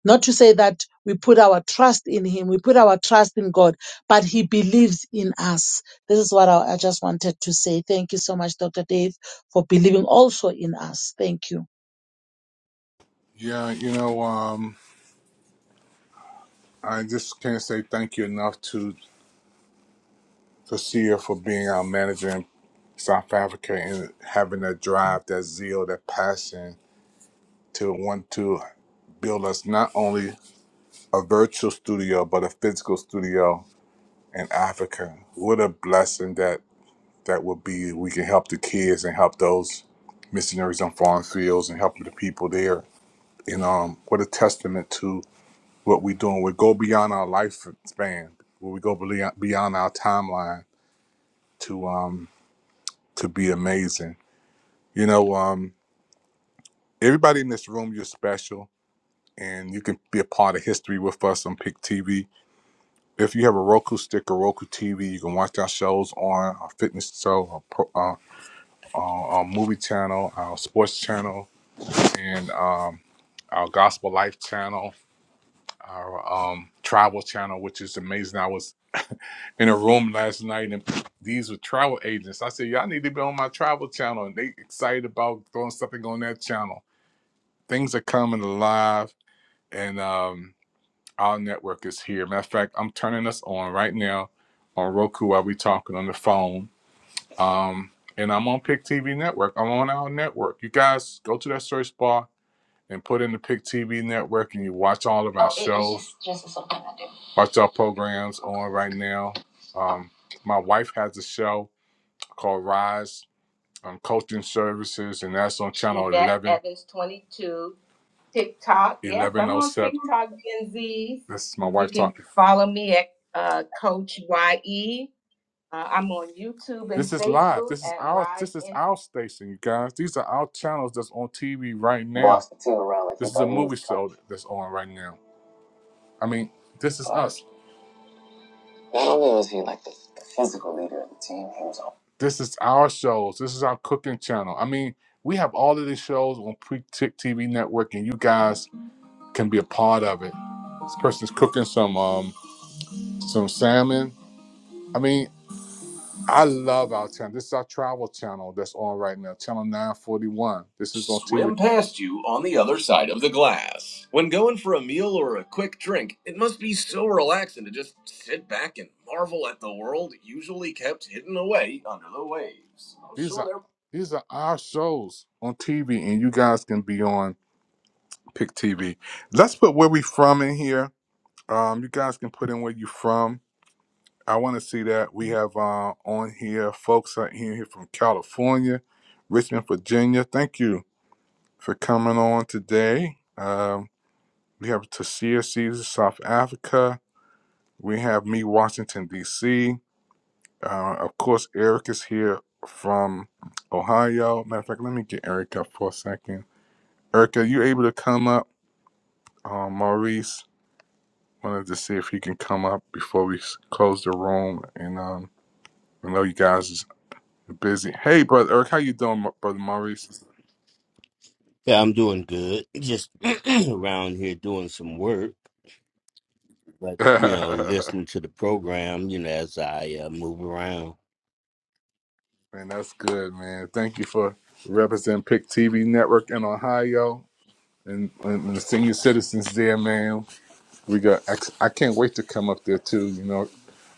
Speaker 3: not to say that we put our trust in Him, we put our trust in God, but He believes in us. This is what I, I just wanted to say. Thank you so much, Dr. Dave, for believing also in us. Thank you.
Speaker 1: Yeah, you know, um, I just can't say thank you enough to, to Sia for being our manager and South Africa and having that drive, that zeal, that passion to want to build us not only a virtual studio but a physical studio in Africa. What a blessing that that would be. We can help the kids and help those missionaries on foreign fields and help the people there. And um, what a testament to what we're doing. We go beyond our lifespan. We go beyond beyond our timeline to um to be amazing. You know um. Everybody in this room, you're special, and you can be a part of history with us on Pick TV. If you have a Roku stick or Roku TV, you can watch our shows on our fitness show, our, pro, uh, our, our movie channel, our sports channel, and um, our gospel life channel, our um, travel channel, which is amazing. I was in a room last night, and these were travel agents. I said, "Y'all need to be on my travel channel," and they excited about throwing something on that channel. Things are coming alive, and um, Our network is here. Matter of fact, I'm turning us on right now on Roku while we talking on the phone. Um, and I'm on Pick TV Network. I'm on our network. You guys go to that search bar and put in the Pick TV Network, and you watch all of our Oh, it- shows. Just, just something I do. Watch our programs on right now. Um, my wife has a show called Rise um, Coaching Services, and that's on Channel Yvette Eleven. Evans 22. TikTok. Yes, i I'm oh on eleven oh seven. TikTok, Gen Zs. This is my You wife You can talking. follow me at uh, Coach YE. Uh, I'm on YouTube and This is live. Facebook This is at our this is YN. our station, you guys. These are our channels that's on TV right now. Boss the team around like This is a movie show that's on right now. I mean, this is Like, us. not only was he like the, the physical leader of the team, he was also This is our shows. This is our cooking channel. I mean, we have all of these shows on Pre Tick TV Network, and you guys can be a part of it. This person's cooking some um some salmon. I mean, I love our channel. This is our travel channel that's on right now, channel 941. This is on TV. Swim past you on the other side of the glass. When going for a meal or a quick drink, it must be so relaxing to just sit back and marvel at the world usually kept hidden away under the waves. I'm These sure are these are our shows on TV, and you guys can be on Pick TV. Let's put where we from in here. Um, you guys can put in where you from. I want to see that. We have uh, on here folks out here, here from California, Richmond, Virginia. Thank you for coming on today. Um, we have Tasia Caesar, South Africa. We have me, Washington, D.C. Uh, of course, Eric is here from Ohio. Matter of fact, let me get Eric up for a second. Eric, are you able to come up? Um, Maurice wanted to see if he can come up before we s- close the room and um, I know you guys is busy. Hey, brother Eric, how you doing, brother Maurice?
Speaker 10: Yeah, I'm doing good. Just around here doing some work, but you know,
Speaker 1: man,
Speaker 10: listening to the program, you know, as I uh, move around.
Speaker 1: that's good, man. Thank you for representing Pick TV Network in Ohio and, and the senior citizens there, man. We got. I can't wait to come up there too. You know,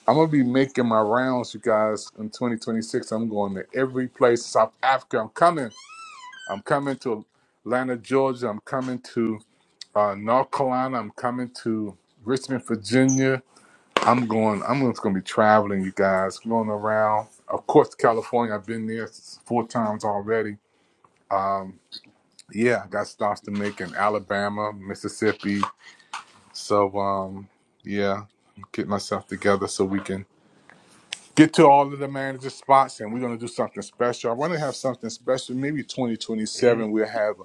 Speaker 1: I'm gonna be making my rounds, you guys, in 2026. I'm going to every place, South Africa. I'm coming. I'm coming to Atlanta, Georgia. I'm coming to uh, North Carolina. I'm coming to Richmond, Virginia. I'm going. I'm just going to be traveling, you guys, going around. Of course, California. I've been there four times already. Yeah, I got stops to make in Alabama, Mississippi. So, um, yeah, get myself together so we can get to all of the manager spots, and we're going to do something special. I want to have something special. Maybe 2027, we'll have a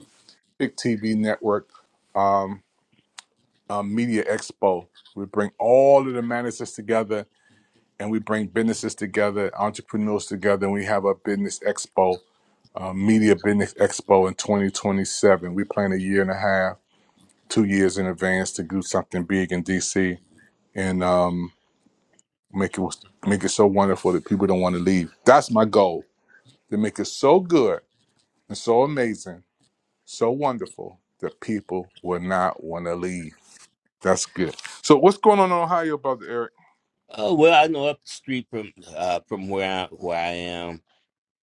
Speaker 1: big TV network um, um, media expo. We bring all of the managers together and we bring businesses together, entrepreneurs together, and we have a business expo, uh, media business expo in 2027. We plan a year and a half, two years in advance to do something big in DC and um, make it make it so wonderful that people don't want to leave. That's my goal to make it so good and so amazing, so wonderful that people will not want to leave. That's good. So, what's going on in Ohio, brother Eric?
Speaker 10: Oh well, I know up the street from uh, from where I, where I am,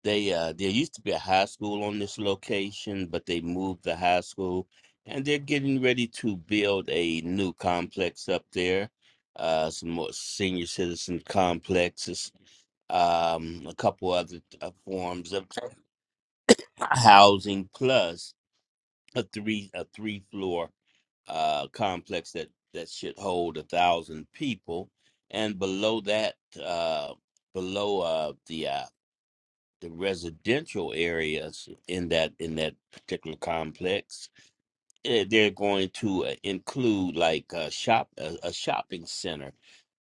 Speaker 10: they uh, there used to be a high school on this location, but they moved the high school, and they're getting ready to build a new complex up there, uh, some more senior citizen complexes, um, a couple other uh, forms of. housing plus a three a three floor uh, complex that that should hold a thousand people, and below that, uh, below uh, the uh, the residential areas in that in that particular complex, eh, they're going to uh, include like a shop a, a shopping center.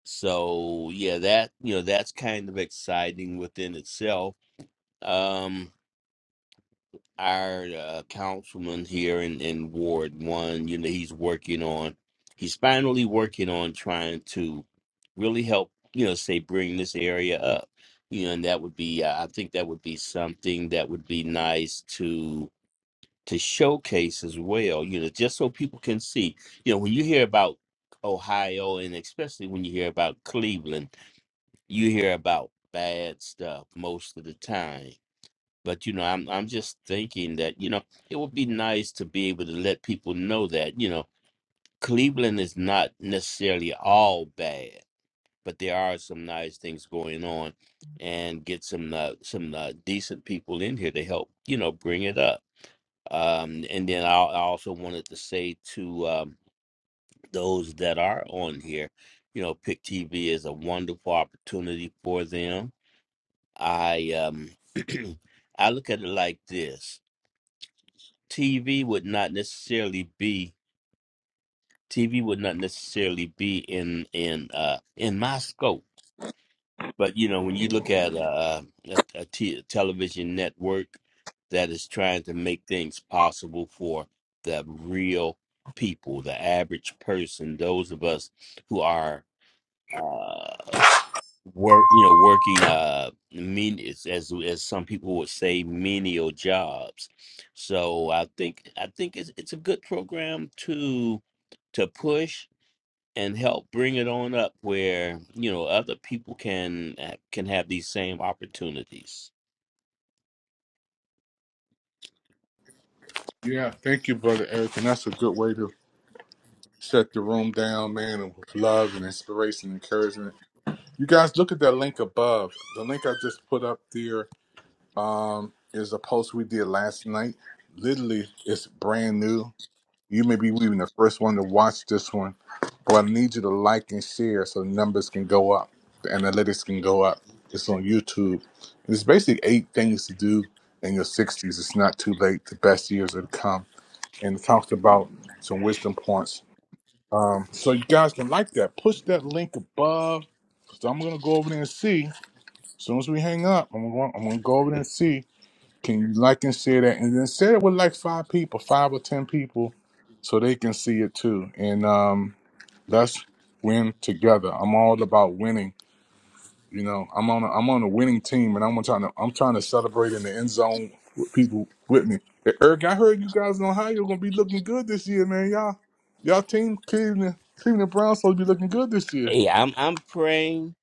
Speaker 10: So yeah, that you know that's kind of exciting within itself. Um, our uh, councilman here in, in Ward One, you know, he's working on, he's finally working on trying to really help, you know, say bring this area up, you know, and that would be, uh, I think that would be something that would be nice to to showcase as well, you know, just so people can see, you know, when you hear about Ohio and especially when you hear about Cleveland, you hear about bad stuff most of the time but you know i'm i'm just thinking that you know it would be nice to be able to let people know that you know cleveland is not necessarily all bad but there are some nice things going on and get some uh, some uh, decent people in here to help you know bring it up um and then i, I also wanted to say to um, those that are on here you know pick tv is a wonderful opportunity for them i um i look at it like this TV would not necessarily be TV would not necessarily be in in uh in my scope. But you know, when you look at uh, a, a t- television network that is trying to make things possible for the real people, the average person, those of us who are uh, work you know working uh mean it's- as as some people would say menial jobs so i think i think it's it's a good program to to push and help bring it on up where you know other people can ha- can have these same opportunities
Speaker 1: Yeah, thank you, brother Eric, and that's a good way to shut the room down, man, with love and inspiration and encouragement. You guys look at that link above. The link I just put up there um, is a post we did last night. Literally, it's brand new. You may be even the first one to watch this one, but I need you to like and share so the numbers can go up, the analytics can go up. It's on YouTube. It's basically eight things to do in your 60s. It's not too late. The best years are to come. And it talks about some wisdom points um, so you guys can like that. Push that link above. So I'm gonna go over there and see. As soon as we hang up, I'm gonna I'm gonna go over there and see. Can you like and share that? And then share it with like five people, five or ten people, so they can see it too. And um, let's win together. I'm all about winning. You know, I'm on a, I'm on a winning team, and I'm trying to I'm trying to celebrate in the end zone with people with me. Hey, Eric, I heard you guys in Ohio are gonna be looking good this year, man. Y'all, y'all team Cleveland Cleveland Browns supposed to be looking good this year.
Speaker 10: yeah i'm i'm praying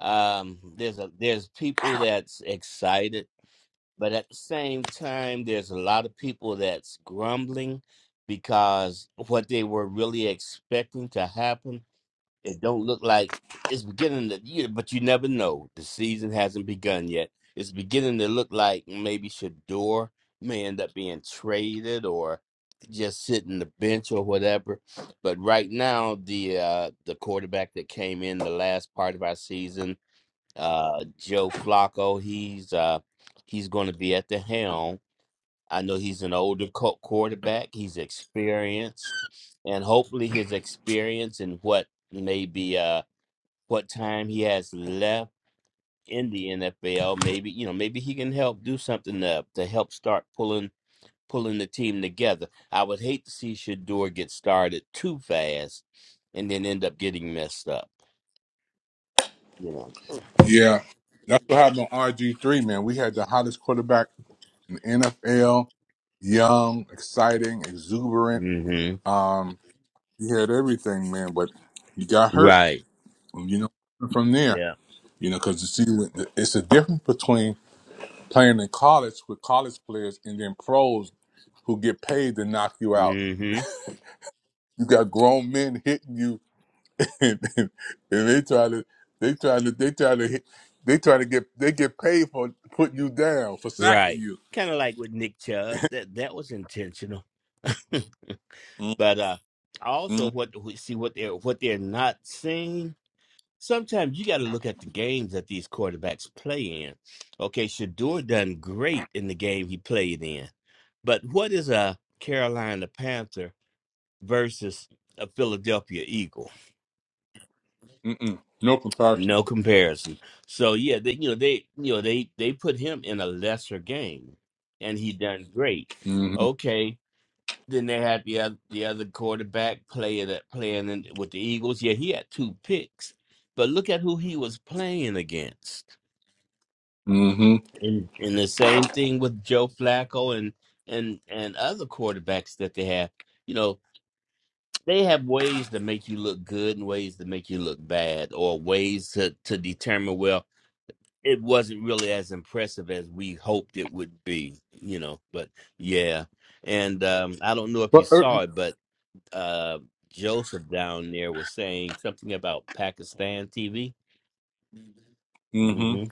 Speaker 10: um there's a there's people that's excited But at the same time, there's a lot of people that's grumbling because what they were really expecting to happen, it don't look like it's beginning to, you, but you never know. The season hasn't begun yet. It's beginning to look like maybe Shador may end up being traded or just sitting the bench or whatever. But right now, the uh, the quarterback that came in the last part of our season uh, Joe Flacco. He's uh, he's going to be at the helm. I know he's an older co- quarterback. He's experienced, and hopefully his experience and what maybe uh, what time he has left in the NFL, maybe you know maybe he can help do something to to help start pulling pulling the team together. I would hate to see Shador get started too fast and then end up getting messed up. You know.
Speaker 1: Yeah, that's what happened on RG three, man. We had the hottest quarterback in the NFL, young, exciting, exuberant.
Speaker 10: hmm
Speaker 1: Um, he had everything, man, but he got hurt.
Speaker 10: Right.
Speaker 1: You know, from there,
Speaker 10: Yeah.
Speaker 1: you know, because you see, it's a difference between playing in college with college players and then pros who get paid to knock you out.
Speaker 10: Mm-hmm.
Speaker 1: You got grown men hitting you, and, and, and they try to they try to they try to hit they try to get they get paid for putting you down for sacking
Speaker 10: Right.
Speaker 1: you.
Speaker 10: Kind of like with Nick Chubb. That that was intentional.
Speaker 1: mm
Speaker 10: but uh also
Speaker 1: mm
Speaker 10: what we see what they're what they're not seeing. Sometimes you got to look at the games that these quarterbacks play in. Okay, Shador done great in the game he played in. But what is a Carolina Panther versus a Philadelphia Eagle?
Speaker 1: mm mm. No comparison.
Speaker 10: No comparison. So yeah, they you know they you know they they put him in a lesser game, and he done great.
Speaker 1: Mm-hmm.
Speaker 10: Okay, then they had the other the other quarterback player that playing in, with the Eagles. Yeah, he had two picks, but look at who he was playing against.
Speaker 1: Mm-hmm.
Speaker 10: And and the same thing with Joe Flacco and and and other quarterbacks that they have. You know they have ways to make you look good and ways to make you look bad, or ways to to determine well it wasn't really as impressive as we hoped it would be, you know. But yeah, and um, I don't know if you
Speaker 1: But uh,
Speaker 10: saw it, but uh, Joseph down there was saying something about Pakistan TV. hmm
Speaker 1: mm-hmm.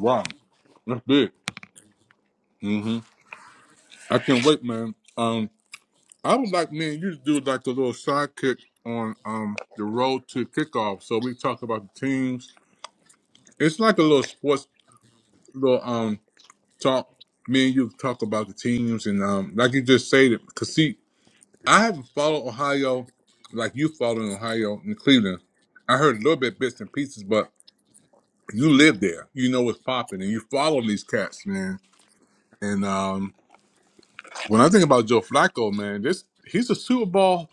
Speaker 1: Wow, that's big. Mm-hmm. I can't wait, man. Um, I would like me and you to do like a little sidekick on um the road to kickoff. So we talk about the teams. It's like a little sports little um talk. Me and you talk about the teams and um like you just stated. Cause see, I haven't followed Ohio like you following Ohio and Cleveland. I heard a little bit bits and pieces, but you live there. You know what's popping, and you follow these cats, man. And um when I think about Joe Flacco, man, this he's a Super Bowl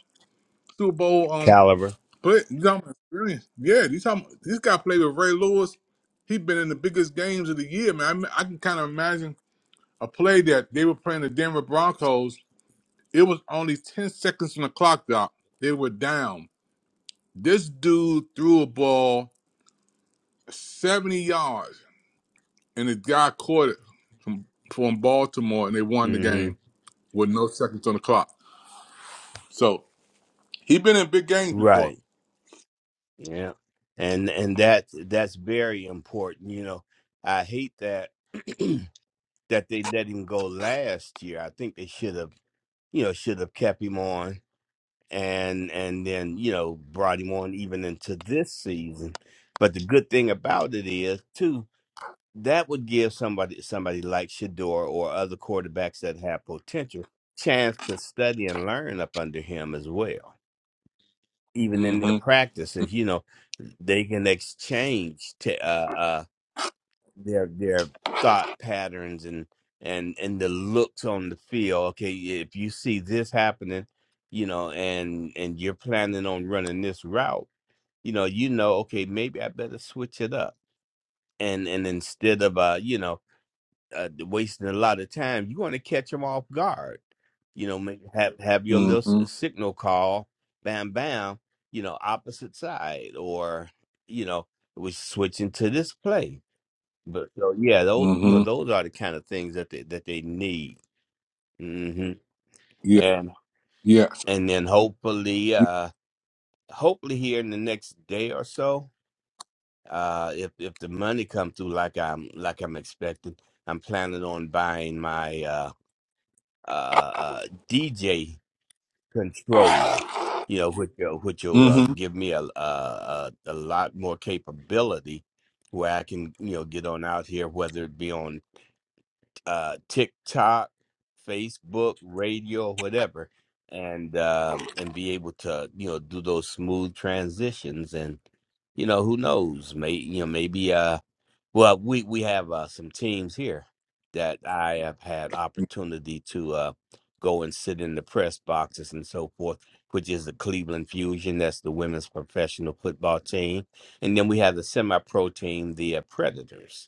Speaker 1: Super Bowl um.
Speaker 10: Caliber.
Speaker 1: But you talking about experience? Yeah, you talking this guy played with Ray Lewis. He been in the biggest games of the year, man. I, mean, I can kind of imagine a play that they were playing the Denver Broncos. It was only ten seconds on the clock, doc. They were down. This dude threw a ball seventy yards, and the guy caught it from from Baltimore, and they won the
Speaker 10: hmm
Speaker 1: game with no seconds on the clock. So he been in big games before.
Speaker 10: Right. Yeah. And and that that's very important. You know, I hate that that they let him go last year. I think they should have, you know, should have kept him on and and then you know brought him on even into this season. But the good thing about it is too that would give somebody somebody like Shador or other quarterbacks that have potential chance to study and learn up under him as well. Even in their
Speaker 1: Mm-hmm.
Speaker 10: practices, you know, they can exchange t- uh, uh, their their thought patterns and and and the looks on the field. Okay, if you see this happening, you know, and and you're planning on running this route, you know, you know, okay, maybe I better switch it up. And and instead of uh, you know, uh, wasting a lot of time, you want to catch them off guard. You know, make, have have your little s-
Speaker 1: Mm-hmm.
Speaker 10: signal call, bam, bam. You know, opposite side, or you know, we're switching to this play but so yeah, those you know
Speaker 1: Mm-hmm.
Speaker 10: those are the kind of things that they that they need. hmm
Speaker 1: Yeah.
Speaker 10: And
Speaker 1: Yeah.
Speaker 10: and then hopefully, uh, hopefully here in the next day or so, uh, if if the money comes through like I'm like I'm expecting, I'm planning on buying my uh, uh, uh, DJ controller. You know, which will, which will uh,
Speaker 1: Mm-hmm.
Speaker 10: give me a, a a a lot more capability, where I can you know get on out here, whether it be on uh, TikTok, Facebook, radio, whatever, and um, and be able to you know do those smooth transitions. And you know who knows, may you know maybe uh well we we have uh, some teams here that I have had opportunity to uh, go and sit in the press boxes and so forth. Which is the Cleveland Fusion? That's the women's professional football team, and then we have the semi-pro team, the uh, Predators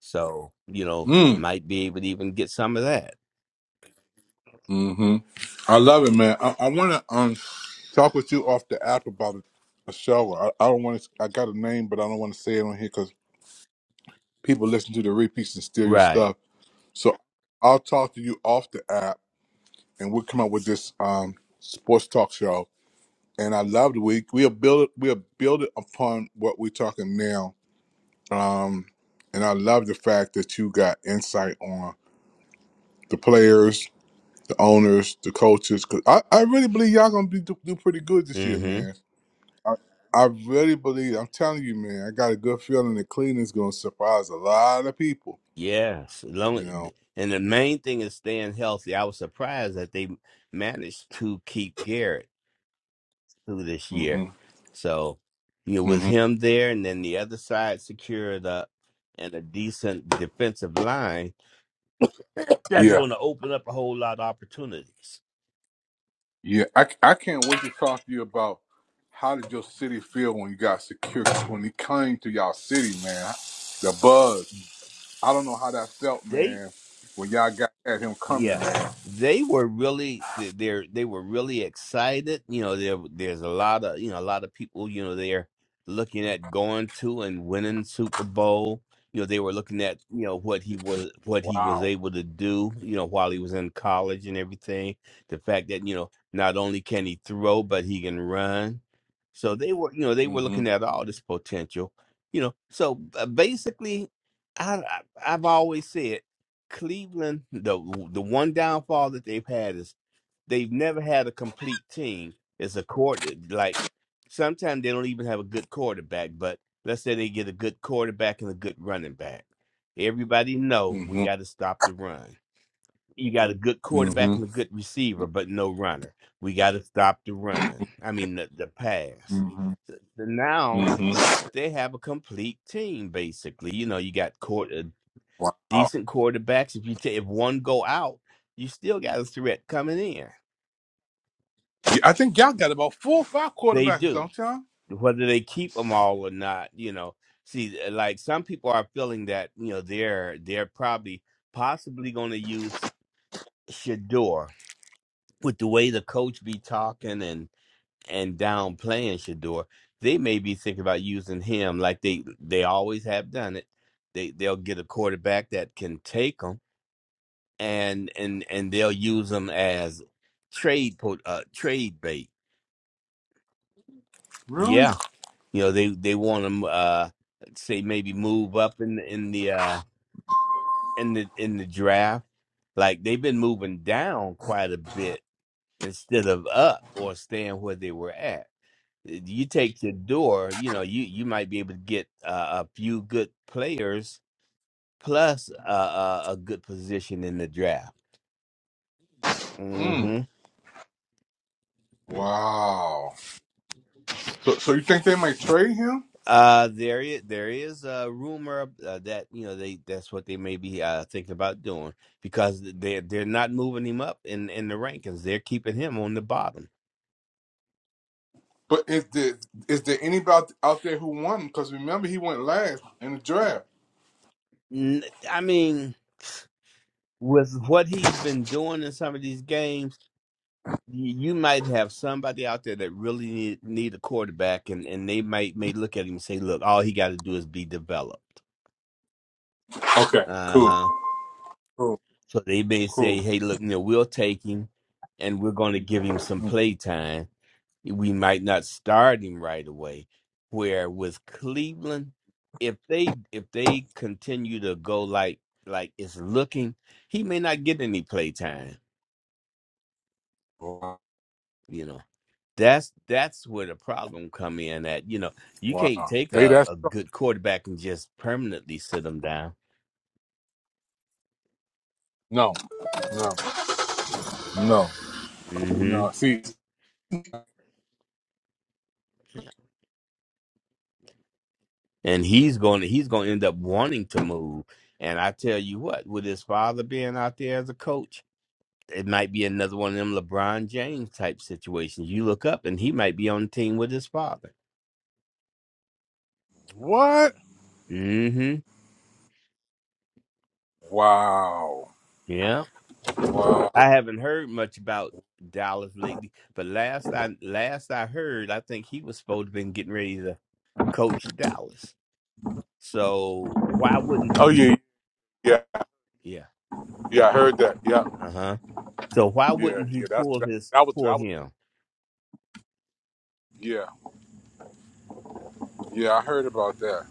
Speaker 10: so, you know,
Speaker 1: Mm.
Speaker 10: might be able to even get some of that.
Speaker 1: hmm I love it, man. I, I want to um talk with you off the app about a show. I, I don't want to. I got a name, but I don't want to say it on here because people listen to the repeats and steal your
Speaker 10: Right.
Speaker 1: stuff. So I'll talk to you off the app, and we'll come up with this um sports talk show. And I love the week. We'll build it. We'll build it upon what we're talking now. Um, and I love the fact that you got insight on the players the owners, the coaches. 'cause I, I really believe y'all gonna be, do, do pretty good this year,
Speaker 10: hmm
Speaker 1: man. I, I really believe. I'm telling you, man. I got a good feeling that Cleveland's gonna surprise a lot of people.
Speaker 10: Yes. Long,
Speaker 1: You know.
Speaker 10: and the main thing is staying healthy. I was surprised that they managed to keep Garrett through this
Speaker 1: hmm
Speaker 10: year. So, you know, with
Speaker 1: hmm
Speaker 10: him there and then the other side secured up and a decent defensive line, that's
Speaker 1: Yeah.
Speaker 10: going to open up a whole lot of opportunities.
Speaker 1: Yeah. I c- I can't wait to talk to you about how did your city feel when you got secure when he came to y'all city, man. The buzz. I don't know how that felt, man. When y'all got had him coming,
Speaker 10: Yeah,
Speaker 1: man.
Speaker 10: they were really they- they're they were really excited. You know, there there's a lot of you know a lot of people you know they're looking at going to and winning Super Bowl. You know, they were looking at you know what he was what he was
Speaker 1: Wow.
Speaker 10: able to do. You know, while he was in college and everything, the fact that you know not only can he throw but he can run. So they were you know they were
Speaker 1: hmm
Speaker 10: looking at all this potential. You know, so uh, basically, I, I I've always said. Cleveland, the the one downfall that they've had is they've never had a complete team. It's a quarter like sometimes they don't even have a good quarterback, but let's say they get a good quarterback and a good running back. Everybody know we
Speaker 1: hmm
Speaker 10: got to stop the run. You got a good quarterback
Speaker 1: hmm
Speaker 10: and a good receiver, but no runner. We got to stop the run. I mean the, the pass.
Speaker 1: hmm
Speaker 10: So- so now
Speaker 1: hmm
Speaker 10: they have a complete team basically. You know, you got court
Speaker 1: Wow.
Speaker 10: decent quarterbacks. If you take if one go out, you still got a threat coming in.
Speaker 1: Yeah, I think y'all got about four or five
Speaker 10: They
Speaker 1: quarterbacks,
Speaker 10: do,
Speaker 1: don't y'all?
Speaker 10: whether they keep them all or not. You know, see, eh, like some people are feeling that you know they're they're probably possibly going to use Shador with the way the coach be talking and and downplaying Shador. They may be thinking about using him like they they always have done it. They they'll get a quarterback that can take them. and and and they'll use them as trade po- uh, trade bait.
Speaker 1: Really?
Speaker 10: Yeah, you know they they want them uh, say maybe move up in the, in the uh, in the in the draft. Like they've been moving down quite a bit instead of up or staying where they were at. You take your door, you know, you you might be able to get uh, a few good players plus uh, a, a good position in the draft.
Speaker 1: Mm.
Speaker 10: hmm
Speaker 1: Wow. So, so you think they might trade him?
Speaker 10: Uh, there, i- there is a rumor uh, that you know they that's what they may be uh, thinking about doing because they they're not moving him up in in the rankings. They're keeping him on the bottom.
Speaker 1: But is there is there anybody out there who won? Because remember, he went last in the draft.
Speaker 10: N- I mean, with what he's been doing in some of these games, y- you might have somebody out there that really need, need a quarterback, and and they might may look at him and say, "Look, all he got to do is be developed."
Speaker 1: Okay,
Speaker 10: Uh
Speaker 1: cool.
Speaker 10: huh.
Speaker 1: Cool,
Speaker 10: So they may say,
Speaker 1: cool.
Speaker 10: "Hey, look, you know, we'll take him, and we're going to give him some play time." we might not start him right away. Where with Cleveland, if they if they continue to go like like it's looking, he may not get any play time.
Speaker 1: Wow.
Speaker 10: You know, that's that's where the problem come in. At you know, you can't
Speaker 1: Wow.
Speaker 10: take
Speaker 1: They
Speaker 10: a,
Speaker 1: that
Speaker 10: a
Speaker 1: strong?
Speaker 10: good quarterback and just permanently sit him down.
Speaker 1: No, no, no,
Speaker 10: hmm
Speaker 1: no. See
Speaker 10: And he's going to he's going to end up wanting to move. And I tell you what, with his father being out there as a coach. it might be another one of them LeBron James type situations. You look up and he might be on the team with his father.
Speaker 1: what?
Speaker 10: Mm-hmm.
Speaker 1: Wow.
Speaker 10: Yeah.
Speaker 1: Wow.
Speaker 10: I haven't heard much about Dallas lately, but last I last I heard, I think he was supposed to been getting ready to coach Dallas. So why wouldn't
Speaker 1: Oh yeah, yeah, yeah.
Speaker 10: yeah.
Speaker 1: yeah, I heard that. Yeah,
Speaker 10: Uh-huh. So why
Speaker 1: yeah,
Speaker 10: wouldn't he
Speaker 1: yeah. That's
Speaker 10: pull
Speaker 1: that,
Speaker 10: his
Speaker 1: that was that
Speaker 10: pull
Speaker 1: was.
Speaker 10: him?
Speaker 1: yeah. Yeah, I heard about that.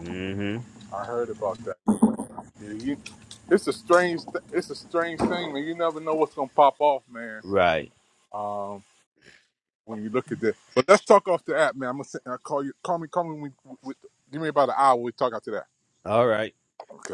Speaker 10: Mm-hmm.
Speaker 1: I heard about that. Yeah, you, it's a strange, th- it's a strange thing, man. You never know what's gonna pop off, man.
Speaker 10: Right.
Speaker 1: Um, when you look at that. But let's talk off the app, man. I'm gonna send, I'll call you. Call me. Call me. When we, with, give me about an hour. We talk after that.
Speaker 10: All right.
Speaker 1: Okay.